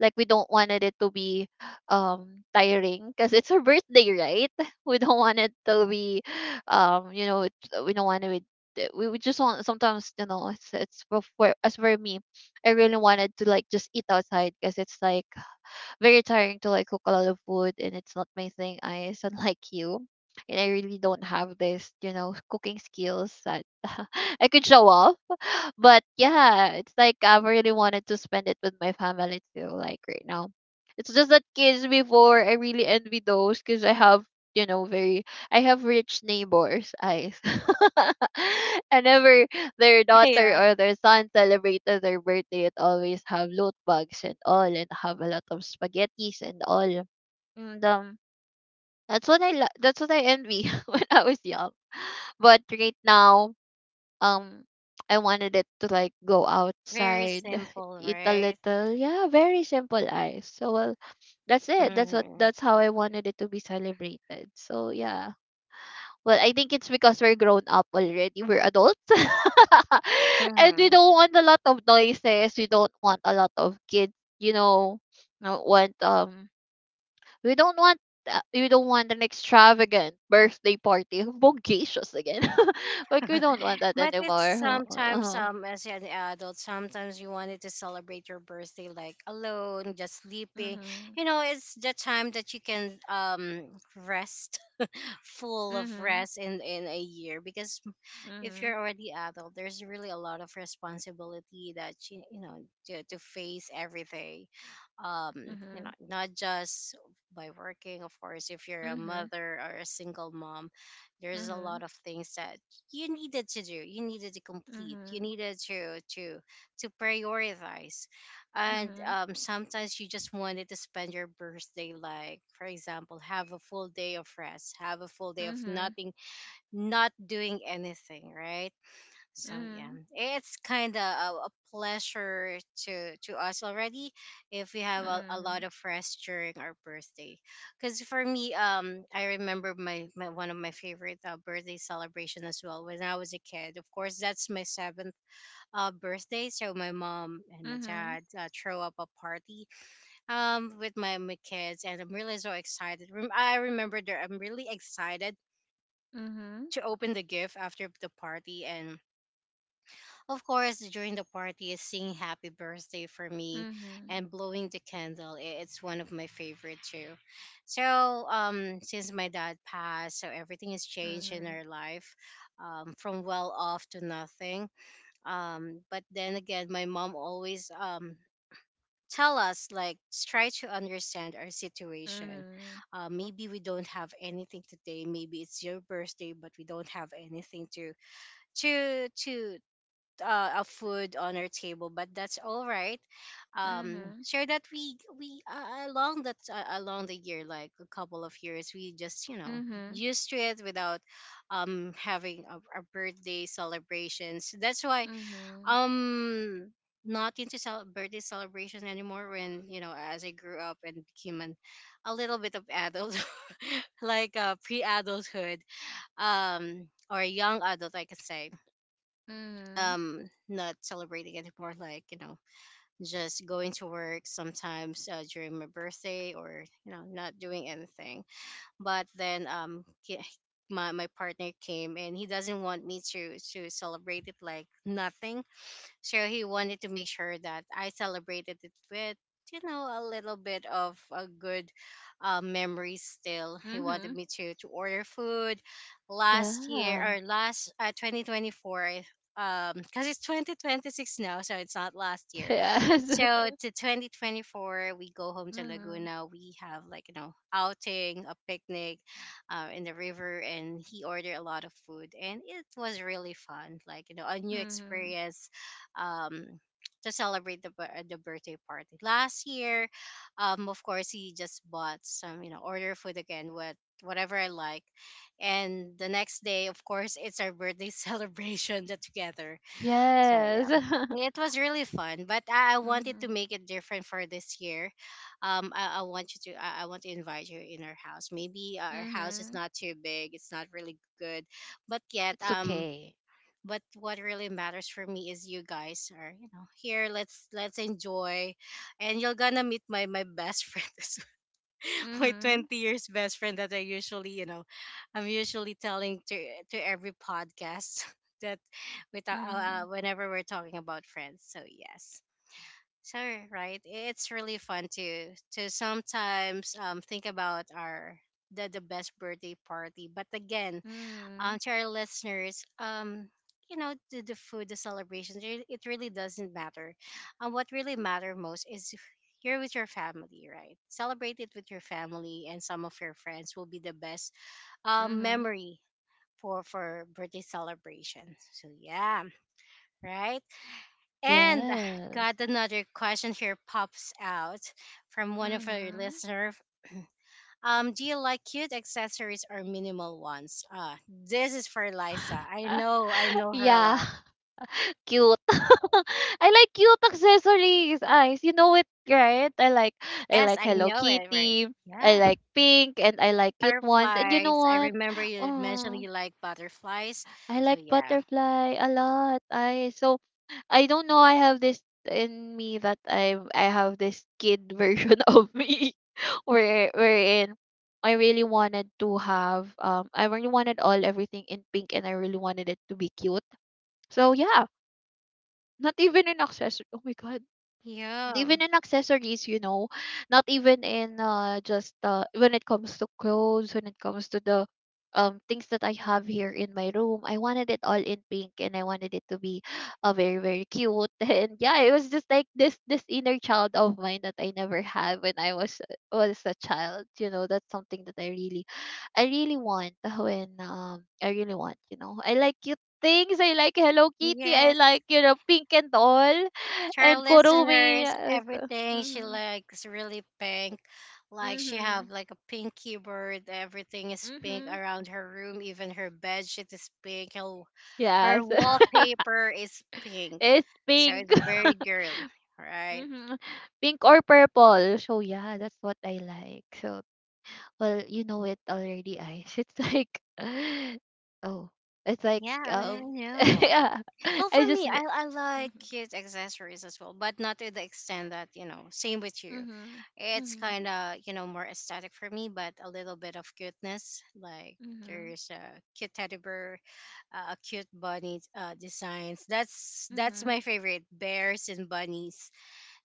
Like we don't wanted it to be tiring, because it's her birthday, right? [laughs] We don't want it to be, um you know it, we don't want it. We just want sometimes, it's, as for me, I really wanted to like just eat outside because it's like very tiring to like cook a lot of food. And it's not my thing. I [laughs] is unlike you. And I really don't have this, cooking skills that [laughs] I could show off. But yeah, it's like I really wanted to spend it with my family too, like right now. It's just that kids before, I really envy those because I have, very, I have rich neighbors eyes. [laughs] And ever their [laughs] daughter Yeah. or their son celebrated their birthday, it always have loot bags and all, and have a lot of spaghettis and all. And that's what that's what I envy [laughs] when I was young. But right now, um I wanted it to like go Very outside, simple, eat a right? little. Yeah, very simple, ice. So well, that's it. That's what Mm. that's how I wanted it to be celebrated. So yeah. Well, I think it's because we're grown up already. We're adults. [laughs] And we Mm. don't want a lot of noises. We don't want a lot of kids, you know. Not want we don't want We don't want an extravagant birthday party, bogacious again. [laughs] Like we don't [laughs] want that But it's anymore. sometimes, [laughs] as an adult, sometimes you wanted to celebrate your birthday like alone, just sleeping. Mhm. You know, it's the time that you can, um, rest, full of Mhm. rest in a year, because if Mhm. you're already adult, there's really a lot of responsibility that you know to face every day. Um, you know, Mhm. not just by working. Of course, if you're a Mhm. mother or a single mom, there's a Mhm. lot of things that you needed to do, you needed to complete, you Mhm. needed to prioritize. And, Mhm. Sometimes you just wanted to spend your birthday, like for example, have a full day of rest, have a full day of Mhm. nothing, not doing anything, right? So yeah, Mhm. it's kind of a pleasure to us already if we have a lot of rest during our birthday. Because for me, um, I remember my one of my favorite, birthday celebration as well when I was a kid. Of course, that's my seventh, birthday, so my mom and my Mhm. Mhm. dad, throw up a party, with my kids, and I'm really so excited. I remember there, I'm really excited Mhm. to open the gift after the party, and of course during the party, is singing "Happy Birthday" for me and blowing the candle. It's one of my favorite too. So since my dad passed, so everything has changed in Mhm. our life, from well off to nothing. But then again, my mom always tell us like try to understand our situation. Mhm. Maybe we don't have anything today, maybe it's your birthday, but we don't have anything to to to a food on our table, but that's all right. Sure that we along that along the year, like a couple of years, we just Mhm. Mhm. used to it without having a birthday celebrations. That's why Mhm. Mhm. um not into birthday celebration anymore. When you know, as I grew up and became a little bit of adult [laughs] like pre-adulthood, or young adult, I could say, Mhm. Not celebrating anymore, like you know, just going to work sometimes during my birthday, or you know, not doing anything. But then my partner came and he doesn't want me to celebrate it like nothing. So he wanted to make sure that I celebrated it with, you know, a little bit of a good memory still. He wanted Mhm. me to order food last year, Yeah. or last 2024. Because it's 2026 now, so it's not last [laughs] year. Yes. So to 2024, we go home to Mhm. Laguna. We have, like you know, outing, a picnic, in the river, and he ordered a lot of food, and it was really fun. Like you know, a new Mhm. experience, um to celebrate the the birthday party last year. Of course, he just bought some, you know, order food again, whatever I like, and the next day, of course, it's our birthday [laughs] celebration the together. So Yes. yeah. It [laughs] was really fun, but I wanted to Mhm. make it different for this year. I want you to, I want to invite you in our house. Maybe our house is Mhm. not too big, it's not really good, but yet, It's okay. but what really matters for me is you guys are, you know, here. Let's enjoy, and you're gonna meet my best friend [laughs] as well. My Mhm. 20 years best friend that I'm usually telling to every podcast [laughs] that with Mhm. whenever we're talking about friends. So yes, so right, it's really fun to sometimes think about our the best birthday party. But again, Mhm. to our listeners, you know, the food, the celebrations, it really doesn't matter. What really matters most is if you're with your family, right? Celebrate it with your family, and some of your friends will be the best, Mhm. memory for birthday celebration. So yeah, right? And [sighs] Yes. got another question here pops out from one of our Mhm. listener. Um, do you like cute accessories or minimal ones? Ah, this is for Liza. Ah, I know her a yeah, lot. [laughs] cute. [laughs] I like cute accessories, eyes. You know it, right? I like I Yes, like I Hello know it, right? Kitty. I Yeah. like pink and I like cute ones. And you know Butterflies. I what? remember you mentioned Um, you like butterflies. I So like yeah. butterfly a lot. I don't know. I have this in me that I have this kid version [laughs] of me, wherein I really wanted all everything in pink, and I really wanted it to be cute. So yeah, not even an accessory. Oh my god, Yeah. even in accessories, not even in just when it comes to clothes, when it comes to the things that I have here in my room. I wanted it all in pink, and I wanted it to be, very, very cute. [laughs] And yeah, it was just like this inner child of mine that I never had when I was a child, you know. That's something that I really want, [laughs] when I really want, you know. I like cute things. I like Hello Kitty. I Yes. like, you know, pink and all. To our And Kurumi, listeners, yes. everything she Mhm. likes really pink. Like she Mhm. have like a pink keyboard. Everything is pink Mhm. around her room. Even her bed sheet is pink. Her, her Yes. [laughs] wallpaper is pink. It's So pink. it's very [laughs] girl, right? Mhm. Pink or purple. So yeah, that's what I like. So well, you know it already, Ice. It's like, [laughs] oh, it's like, Yeah, I um [laughs] know. yeah. Well, for I just. me, I like Mhm. cute accessories as well, but not to the extent that, you know, same with you. Mhm. It's Mhm. kind of, you know, more aesthetic for me, but a little bit of cuteness. Like Mhm. there's a cute teddy bear, a cute bunny designs. That's my Mhm. favorite, bears and bunnies.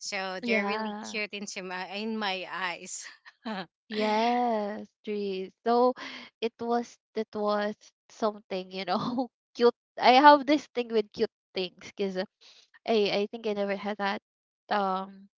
So they're really Yeah. cute into in my eyes. [laughs] Yes, trees. So it was something, you know, [laughs] cute. I have this thing with cute things because I think I never had that, um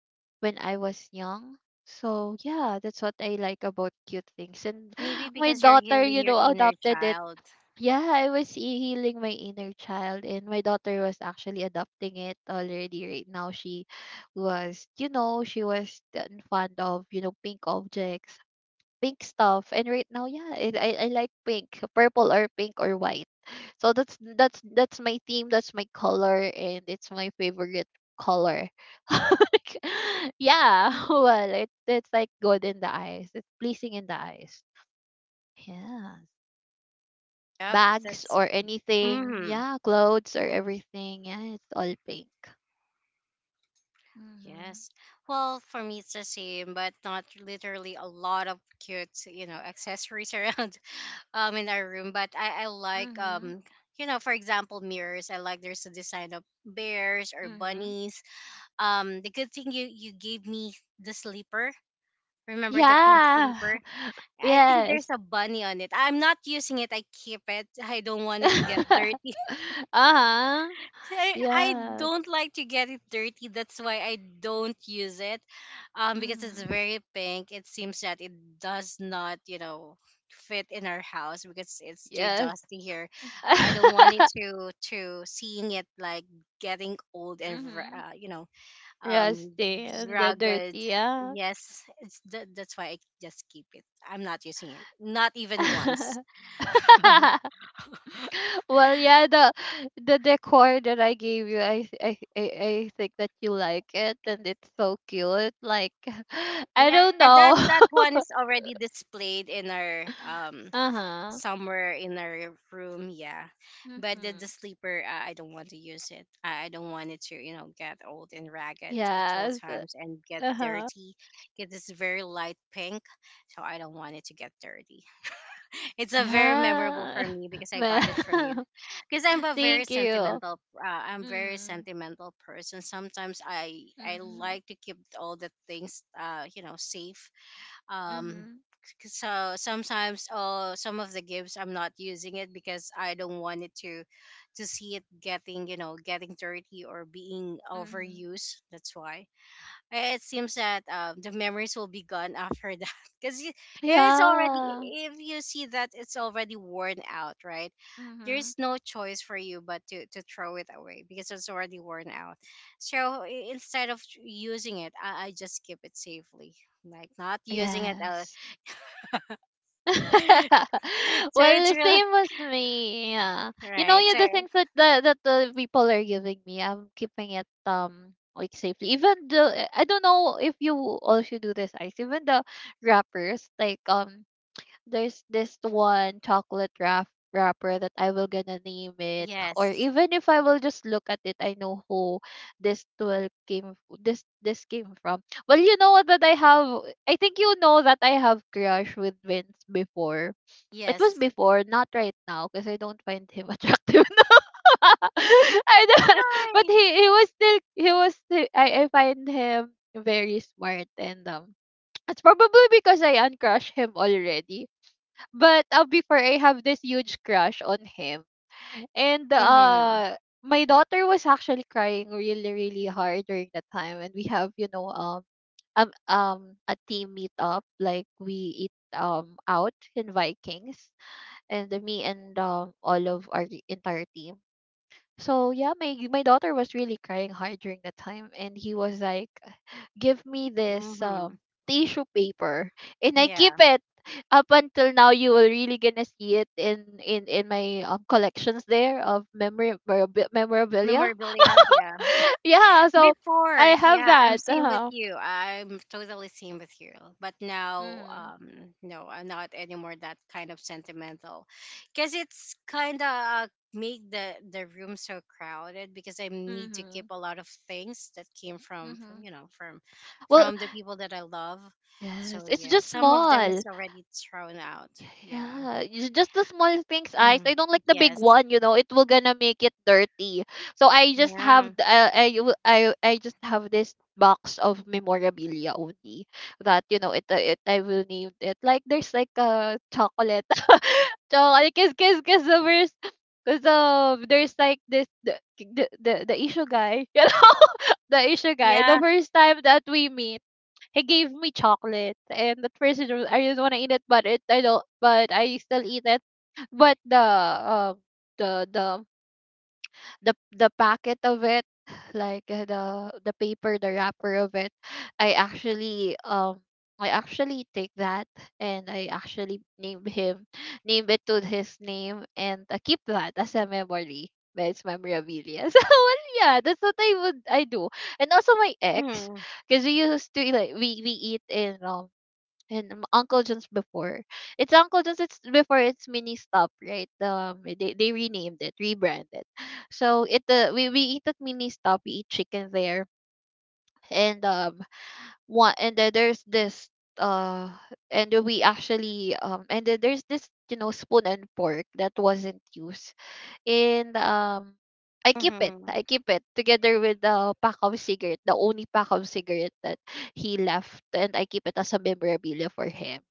when I was young. So yeah, that's what I like about cute things. And Maybe [gasps] my because you're daughter, healing you your know, inner adopted it. child. Yeah, I was healing my inner child, and my daughter was actually adopting it already right now. She was fond of, you know, pink objects, pink stuff. And right now, yeah, I I like pink, purple or pink or white. So that's my theme. That's my color, and it's my favorite color. [laughs] Like, yeah, [laughs] well, it's like good in the eyes. It's pleasing in the eyes. Yeah, Yep, bags that's. or anything. Mm-hmm. Yeah, clothes or everything. Yeah, it's all pink. Mhm. Yes. Well, for me, it's the same, but not literally a lot of cute, you know, accessories around [laughs] in our room. But I like Mhm. You know, for example, mirrors. I like there's a design of bears or Mhm. bunnies. The good thing you gave me the sleeper. Remember the pink Yeah. sleeper? [laughs] I think there's Yes. a bunny on it. I'm not using it. I keep it. I don't want it to get dirty. [laughs] Uh huh. I Yes. don't like to get it dirty. That's why I don't use it. Because it's Mm-hmm. very pink. It seems that it does not, you know, fit in our house because it's too Yes. dusty here. I don't want it [laughs] to seeing it like getting old and Mm-hmm. You know, um, Rusty and the dirty, ragged. yeah. Yes, that's why I just keep it. I'm not using it. Not even once. [laughs] [laughs] Well, yeah, the decor that I gave you, I I think that you like it, and it's so cute. Like, [laughs] I don't Yeah, know. that that [laughs] one is already displayed in our Uh huh. somewhere in our room. Yeah, but Mm-hmm. the sleeper, I don't want to use it. I don't want it to, you know, get old and ragged at all Yes. times and get Uh huh. dirty because it's very light pink, so I don't want it to get dirty. [laughs] It's a very memorable Yeah. for [laughs] me because I got it from you, Well, because I'm a very [laughs] thank you. sentimental, I'm very Mm-hmm. sentimental person. Sometimes I Mm-hmm. like to keep all the things, you know, safe, um so sometimes, some of the gifts I'm not using it because I don't want it to see it getting, you know, getting dirty or being Mm-hmm. overused. That's why, eh, it seems that the memories will be gone after that [laughs] because if it's already Yeah. if you see that it's already worn out, right? Mm-hmm. There's no choice for you but to throw it away because it's already worn out. So instead of using it, I just keep it safely, like not using it. Out. Yes. [laughs] [laughs] So it's Well, real, same as me. Yeah. You know, right? yeah, So the things that the people are giving me, I'm keeping it, like, safely. Even the, I don't know if you also do this, Ice. Even the wrappers, like, there's this one chocolate wrapper that I will gonna name it, or yes, even if I will just look at it, I know who this tool came this came from. Well, you know what, that I have, I think you know that I have crush with Vince before. It was yes. before, not right now, because I don't find him [laughs] attractive. [laughs] I don't, but Why? He was still, I find him very smart, and it's probably because I uncrush him already. But, before, I have this huge crush on him. And, Mhm. My daughter was actually crying really, really hard during that time. And we have, you know, a team meetup. Like we eat, out in Vikings, and me and, all of our entire team. So yeah, my daughter was really crying hard during that time, and he was like, give me this, Mhm. tissue paper, and I keep Yeah. it up until now. You will really gonna see it in my, collections there of memory memorabilia. Memorabilia. Yeah. [laughs] Yeah, so Before, I have yeah, I'm that. same with Uh-huh. you. I'm totally same with you. But now, Mhm. No, I'm not anymore that kind of sentimental, because it's kind of, make the room so crowded because I need to keep Mhm. a lot of things that came from Mhm. you know, from Well, the people that I love. yes, So it's yeah, just some of them small. is already thrown out. Yeah. [clears throat] Yeah, it's just the small things, eyes. I Mm. don't like the big Yes. one, you know. It will gonna make it dirty. So Yeah. I w- I just have this box of memorabilia only, that you know it, it, I will name it. Like there's like a chocolate, [laughs] chocolate kiss the first, because there's like this the issue guy, [laughs] you know, [laughs] the issue guy, the Yeah. first time that we meet, he gave me chocolate, and at first it was, I didn't want to eat it, but it I don't, but I still eat it. But the the the packet of it, like, the paper, the wrapper of it, I actually um I actually take that, and I actually name it to his name, and, keep that as a memory. But it's memorabilia. [laughs] So well, yeah, that's what I would I do. And also my ex, Mm-hmm. because we used to like we eat in and Uncle John's before. It's Uncle John's. It's before, it's Mini Stop, right? They renamed it, rebranded. So it we eat at Mini Stop. We eat chicken there, and one, and then there's this uh and we actually and then there's this, you know, spoon and pork that wasn't used and. I keep it. Mm-hmm. I keep it together with the pack of cigarette, the only pack of cigarette that he left, and I keep it as a memorabilia for him.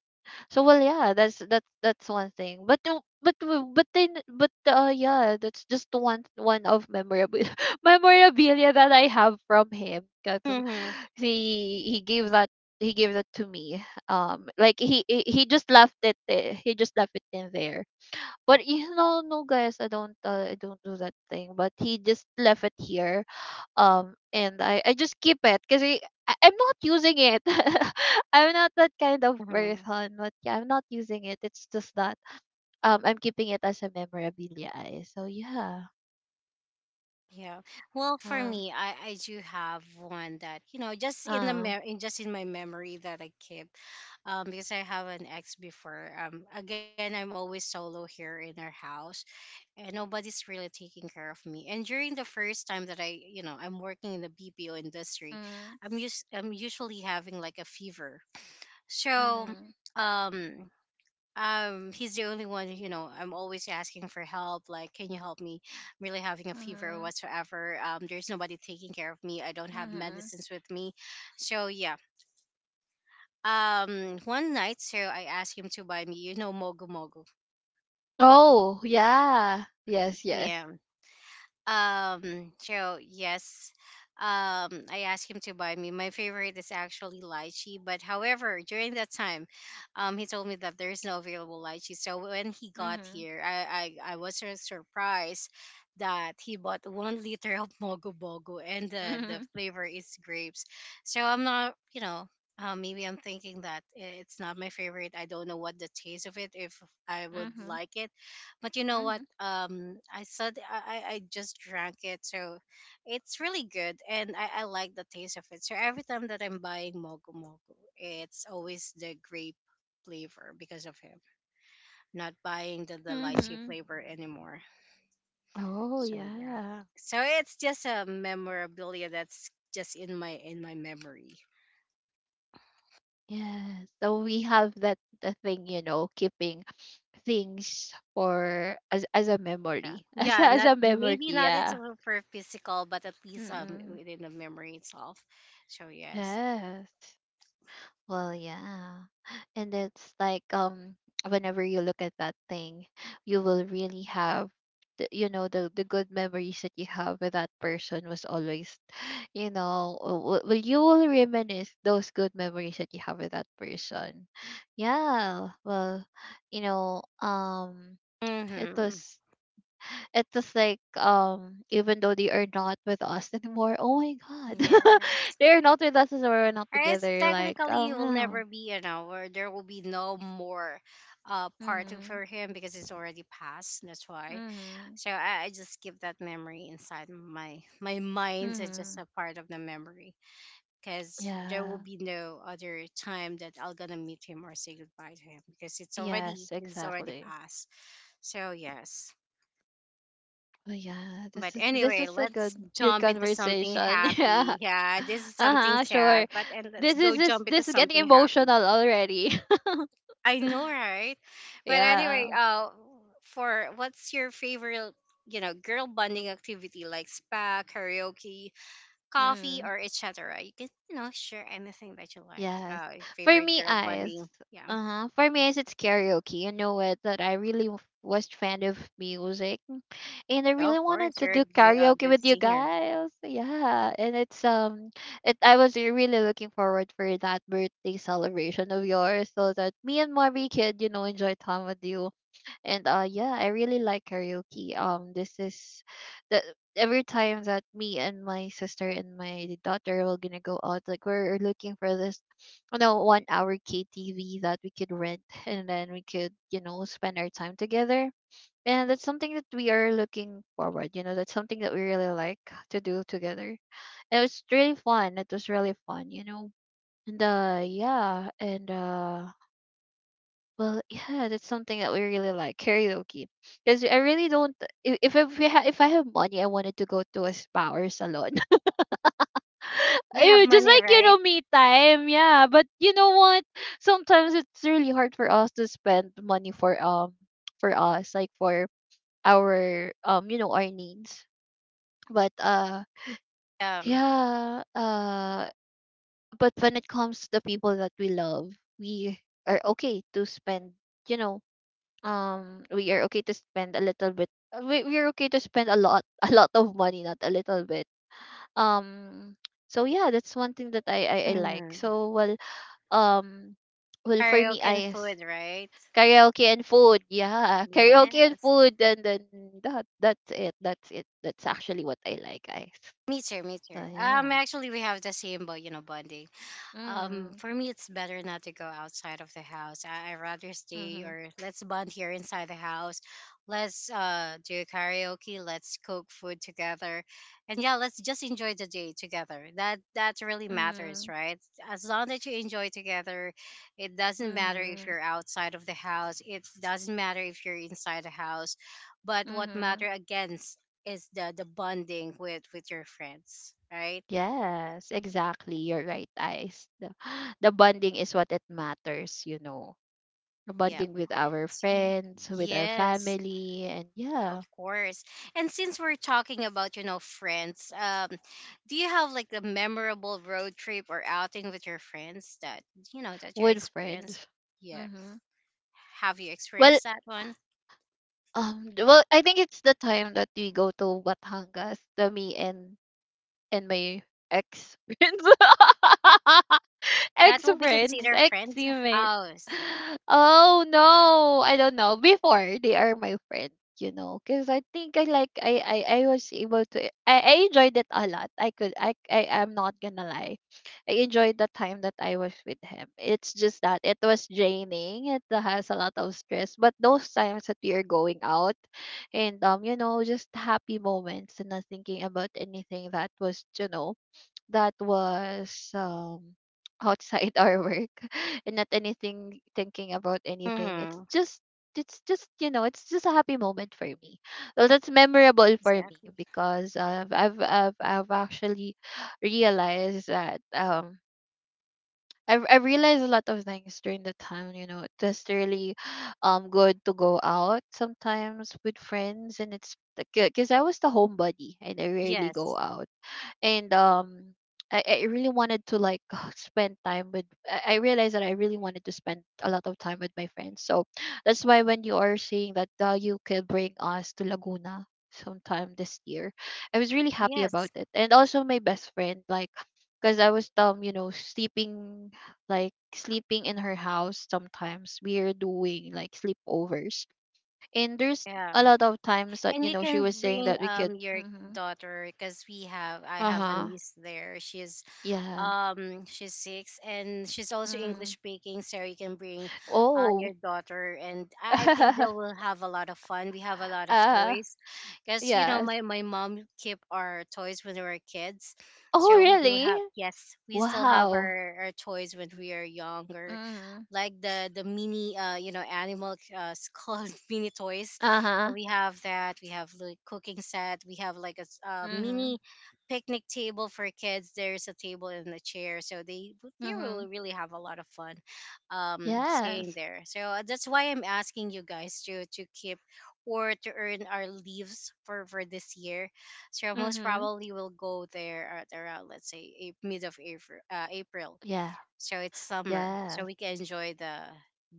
So well, yeah, that's one thing. But no, but that's just one of memorable [laughs] memorabilia that I have from him because Mm-hmm. he gave that he gave that to me. He just left it. He just left it in there but you know, no guys, I don't do that thing. But he just left it here. I just keep it because I'm not using it. [laughs] I'm not that kind of Mm-hmm. person. But yeah, I'm not using it. It's just that I'm keeping it as a memorabilia. Eh. So yeah. Yeah. Well, for Uh, me, I do have one that, you know, just in the uh. In just in my memory that I keep, because I have an ex before. Again, I'm always solo here in our house, and nobody's really taking care of me. And during the first time that I, you know, I'm working in the BPO industry, mm, I'm usually having like a fever. So, mm, um, he's the only one, you know. I'm always asking for help, like, can you help me, I'm really having a fever or Mm-hmm. whatsoever. Um, there's nobody taking care of me. I don't have Mm-hmm. medicines with me. So yeah, um, one night, so I asked him to buy me, you know, mogu mogu. Mm-hmm. Mhm, mhm, mhm, oh yeah. Yes, yes. Yeah. So yes, I asked him to buy me. My favorite is actually lychee, but however, during that time, he told me that there is no available lychee. So when he got Mm-hmm. here, I was so surprised that he bought 1 liter of mogo bogo, and the Mm-hmm. flavor is grapes. So I'm not, you know. Maybe I'm thinking that it's not my favorite. I don't know what the taste of it if I would Mm-hmm. like it, but you know what, I said I just drank it. So it's really good, and I like the taste of it. So every time that I'm buying mogo mogo, it's always the grape flavor because of him, not buying the lychee Mm-hmm. flavor anymore. Oh So yeah, yeah. so it's just a memorabilia that's just in my memory. Yes. So we have that the thing, you know, keeping things for as a Yeah, memory. [laughs] As a, yeah, as not a memory, maybe not, it's yeah. for physical, but at least Mm-mm. within the memory itself. So yes. Yes. Well, yeah. And it's like whenever you look at that thing, you will really have the, you know, the good memories that you have with that person was always, [sighs] you know, well you will reminisce those good memories that you have with that person. Yeah, well, you know um it Mm-hmm. was it was like, even though they are not with us anymore, oh my god. [laughs] Yes. They're not with us as well, we're not Artists together, like, technically it will no. never be an hour. There will be no more, part two Mhm. for him because it's already past. That's why. Mhm. So I just keep that memory inside my mind. It's just Mhm. a part of the memory because there will Yeah. be no other time that I'll gonna meet him or say goodbye to him because Yes, it's already exactly. past. So yes. Oh yeah, But this anyway, is a good let's good jump into something conversation. [laughs] Yeah. happy. Yeah, this is something Uh-huh, sad, sure. but and let's This is go this jump into this is getting something emotional happy. already. I know, right? [laughs] But anyway, Yeah. For what's your favorite, you know, girl bonding activity like spa, karaoke, coffee, Mm. or etc. You can, you know, share anything that you like. Yes. For Favorite me, girl eyes. bonding. Yeah. Uh-huh. For me, eyes, it's karaoke. You know it that I really was fan of music, and I Yeah, really of wanted course, to you're a do karaoke good with you singer. guys. Yeah, and it's, it I was really looking forward for that birthday celebration of yours, so that me and Mari could, you know, enjoy time with you. And yeah, I really like karaoke. This is the Every time that me and my sister and my daughter were gonna go out, like we're looking for this, you know, 1 hour ktv that we could rent, and then we could, you know, spend our time together. And that's something that we are looking forward, you know, that's something that we really like to do together. It was really fun, it was really fun, you know. And yeah and Well, yeah, that's something that we really like, karaoke. Because I really don't. If we if I have money, I wanted to go to a spa or salon. [laughs] We have Eh, just money, like, you know, right? me time. Yeah, but you know what? Sometimes it's really hard for us to spend money for us, like for our, you know, our needs. But uh Um, yeah uh but when it comes to the people that we love, we are okay to spend, you know, we are okay to spend a little bit. We're okay to spend a lot [laughs] a lot of money, not a little bit. um so yeah, that's one thing that I like. mm, So well, um well, for me, karaoke and I is food, right? karaoke and food, yeah. [laughs] Karaoke and Yes. food, and then that that's it, that's it, that's actually what I like, guys. Me too. Me too. So yeah. Actually, we have the same, but you know, bonding. Mm-hmm. For me, it's better not to go outside of the house. I rather stay, Mm-hmm. or let's bond here inside the house. Let's do karaoke. Let's cook food together, and yeah, let's just enjoy the day together. That really matters, Mm-hmm. right? As long that you enjoy together, it doesn't matter if Mm-hmm. you're outside of the house. It doesn't matter if you're inside the house, but what Mm-hmm. matter against is the bonding with your friends, right? Yes, exactly. You're right, Ice. The, [gasps] the bonding is what it matters, you know. The Yep. bonding with our So, friends, with our yes. family, and Of yeah, course. And since we're talking about, you know, friends, do you have like a memorable road trip or outing with your friends that, you know, that you with experienced? friends. Yeah. Mm-hmm. Have you Well, experienced that one? Well, I think it's the time that we go to Batangas, the me and my ex friends. [laughs] That Ex will be friends, considered ex friends. teammates. Oh, Oh no, I don't know. Before they are my friends, you know, because I think I like I I was able to I enjoyed it a lot. I could I am not gonna lie, I enjoyed the time that I was with him. It's just that it was draining. It has a lot of stress, but those times that we are going out, and, you know, just happy moments and not thinking about anything that was, you know, that was, [tsk] outside our work, [laughs] and not anything thinking about anything. It's mm-hmm, just it's just, you know, it's just a happy moment for me. Well, that's memorable for me exactly. because, I've actually realized that, I realized a lot of things during the time, you know. It's just really, good to go out sometimes with friends. And it's because I was the homebody and I rarely go Yes. out. And I really wanted to like [sighs] spend time with I realized that I really wanted to spend a lot of time with my friends. So that's why when you are saying that you can bring us to Laguna sometime this year, I was really happy about Yes. it. And also my best friend, like, because I was, you know, sleeping, like sleeping in her house sometimes. We are doing like sleepovers. And there's Yeah. a lot of times that, And you you know, she can was saying bring that we could. Your Mm-hmm. daughter because we have I have a Uh-huh. niece there. Yeah. She's six and she's also English Mm. speaking, so you can bring Oh. your daughter, and I think they [laughs] will have a lot of fun. We have a lot of Uh, toys because, you know, yes. My mom kept our toys when we were kids, Oh, so we do really? have, yes, we still have Wow. Our toys when we are younger, Mm-hmm. like the mini you know, animal [laughs] called mini toys. So Uh-huh. we have that, we have the cooking set, we have like a Mm-hmm. mini picnic table for kids. There's a table and a chair, so they Mm-hmm. will really have a lot of fun, staying Yes. there. So that's why I'm asking you guys to keep or to earn our leaves for this year. So most Mm-hmm. probably we'll go there at around, let's say, mid of April. April. Yeah. So it's summer, so Yes. we can enjoy the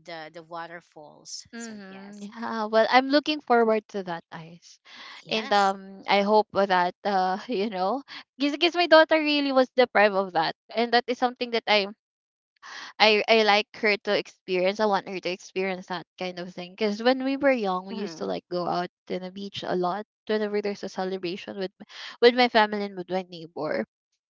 the the waterfalls. So Mm-hmm. yes, Yeah. Well, I'm looking forward to that, Ice. And yes. I hope that, [laughs] you know, because my daughter really was deprived of that, and that is something that I like her to experience. I want her to experience that kind of thing. Because when we were young, we used to Mhm. like go out to the beach a lot whenever there's a celebration with with my family and with my neighbor.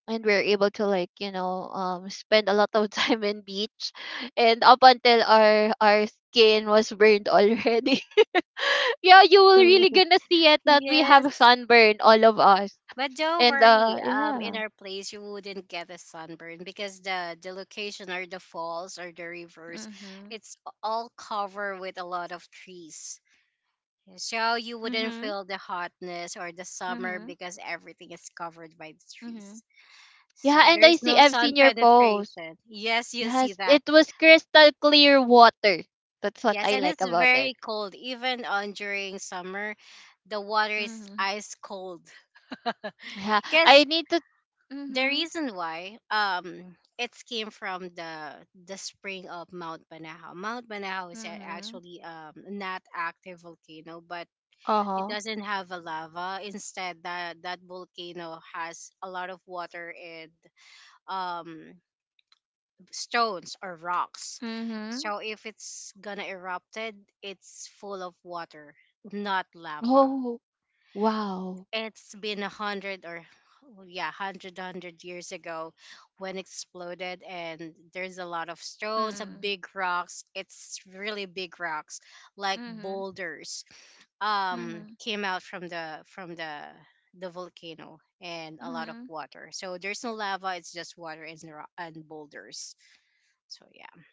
And we're able to like, you know, spend a lot of [laughs] time in beach, and up until our skin was burned already. [laughs] Yeah, you will really gonna see it [laughs] that we have Yes. sunburn, all of us. But don't And worry, uh, in yeah. our place you wouldn't get a sunburn because the location or the falls or the rivers, Mhm. it's all covered with a lot of trees. So you wouldn't Mhm. feel the hotness or the summer Mhm. because everything is covered by the Mhm. trees. So Yeah, and there I is see no I've sun seen your post. penetration. Yes, you see Yes, that. it was crystal clear water. That's what I Yes, and like it's about it. very cold even on during summer. The water is Mm-hmm. ice cold Yeah, I because need to. the Mm-hmm. reason why it came from the spring of Mount Banahaw. Mount Banahaw is Mm-hmm. actually not active volcano, but Uh it huh. doesn't have a lava. Instead, that volcano has a lot of water and um stones or rocks. Mm-hmm. So if it's gonna erupted, it's full of water, not lava. Oh wow. It's been a hundred or, oh, yeah, hundred years ago when exploded, and there's a lot of stones, a Mm-hmm. big rocks, it's really big rocks, like Mm-hmm. boulders, Mm-hmm. came out from the volcano, and a lot of Mm-hmm. water, so there's no lava, it's just water and, and boulders, so yeah.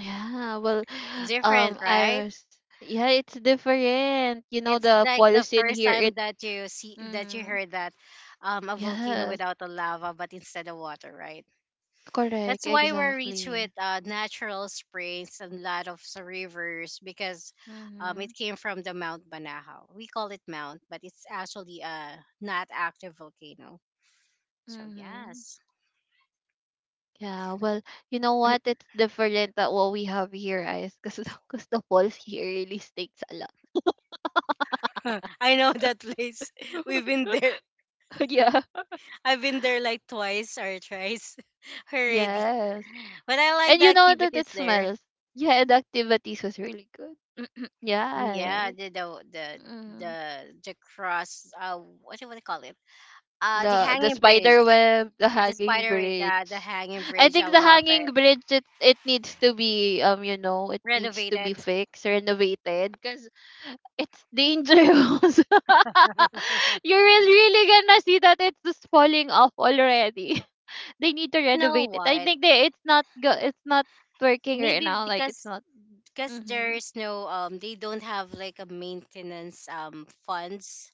Yeah. Well, [sighs] Different, I right? was. Yeah, it's different. You know It's the like the pollution first here. time It. that you see, that you Mm-hmm. heard that, a volcano Yes. without a lava, but instead of water, right? That's Correct. why we're rich Exactly. with natural springs and lot of rivers because, it Mm-hmm. came from the Mount Banahaw. We call it Mount, but it's actually a not active volcano. So Mm-hmm. yes. Yeah, well, you know what? It's different that what we have here, guys, because the, [laughs] cause the walls here really stinks a lot. [laughs] I know that place. [laughs] We've been there. [laughs] Yeah. I've been there like twice or thrice [laughs] already. Yes. But I like And the you know that it activities there. smells. Yeah, and the activities was really good. Mm, Yeah, yeah, right. Mm. The cross. What do you wanna call it? The The hanging bridge. spider web, the The hanging spider in the bridge. hanging I bridge, I think the love hanging it. bridge it needs to be, you know, it needs to be Renovated. fixed, renovated, cause it's dangerous. [laughs] You [laughs] will really gonna see that it's just falling off already. [laughs] They need to You know renovate it. I what? think they it's not go it's not working right Maybe now. Like, it's because not. Mhm. there's no they don't have like a maintenance funds.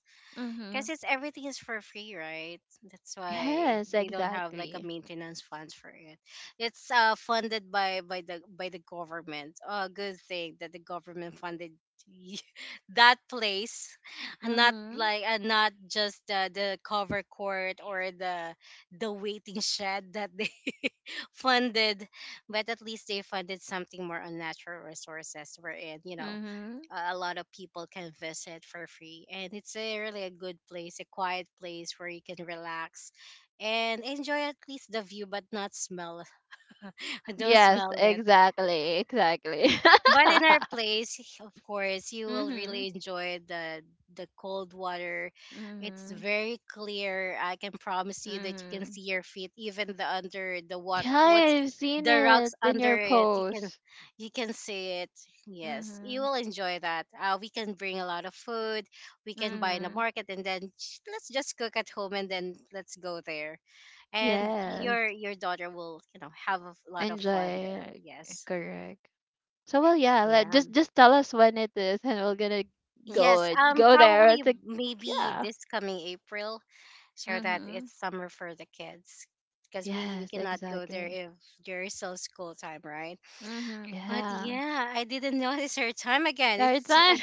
Because Mhm. it's everything is for free, right? That's why Yes, they don't have like a exactly. maintenance funds for it. It's funded by by the government. Oh, good thing that the government funded y- [laughs] that place, and not Mhm. like, and not just the cover court or the waiting shed that they [laughs] funded, but at least they funded something more on natural resources, wherein, you know, Mhm. A lot of people can visit for free, and it's a really a good place, a quiet place where you can relax and enjoy, at least the view, but not smell. [laughs] Don't Yes, smell it. exactly. Exactly. But in our [laughs] place, [laughs] of course, you will Mhm. really enjoy the cold water. It's Mhm. very clear. I can promise you that you can Mhm. see your feet, even the under the water. Yeah, What's I've seen the it rocks in under your it? You can, post. you can see it. Yes, you Mhm. will enjoy that. We can bring a lot of food. We can buy in the Mhm. market, and then let's just cook at home, and then let's go there. And Yes. Your daughter will, you know, have a lot of fun Enjoy, there. like, Yes. correct. So well, yeah. Let Yeah. Just tell us when it is, and we're gonna go Yes, and go there. probably It's like, maybe yeah. this coming April, so that Mhm. it's summer for the kids, because we Yes, cannot go there exactly. if there is still school time, right? Mhm. But Yeah. yeah, I didn't [laughs] notice her time again. Third It's time. like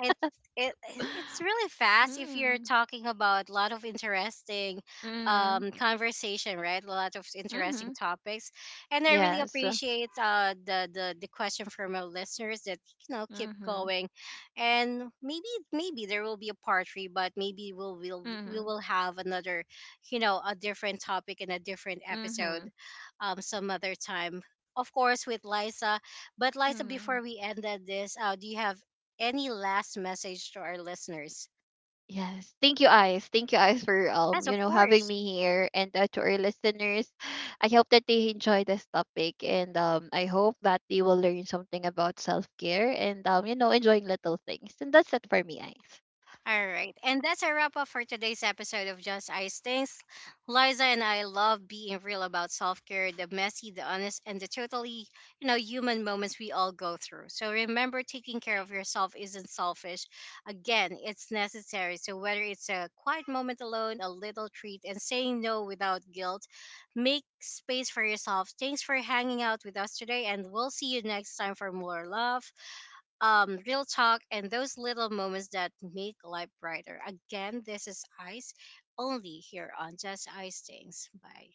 it's it, it's [laughs] really fast if you're Mhm. talking about a lot of interesting Mhm. Conversation, right, a lot of interesting Mhm. [laughs] topics, and I really Yes. appreciate the the question from our listeners that, you know, keep Mhm. going. And maybe, there will be a part 3, but maybe we Mhm. will have another, you know, a different topic and a different episode, Mhm. Some other time, of course, with Liza. But Liza, Mhm. before we ended this, do you have any last message to our listeners? Yes. Thank you, Ice. Thank you, Ice, for, Yes, you of know, having course. me here, and to our listeners. I hope that they enjoy this topic, and I hope that they will learn something about self care, and, you know, enjoying little things. And that's it for me, Ice. All right. And that's a wrap up for today's episode of Just Ice Things. Liza and I love being real about self care, the messy, the honest, and the totally, you know, human moments we all go through. So remember, taking care of yourself isn't selfish. Again, it's necessary. So whether it's a quiet moment alone, a little treat, and saying no without guilt, make space for yourself. Thanks for hanging out with us today, and we'll see you next time for more love, real talk, and those little moments that make life brighter. Again, this is Ice, only here on Just Ice Things. Bye.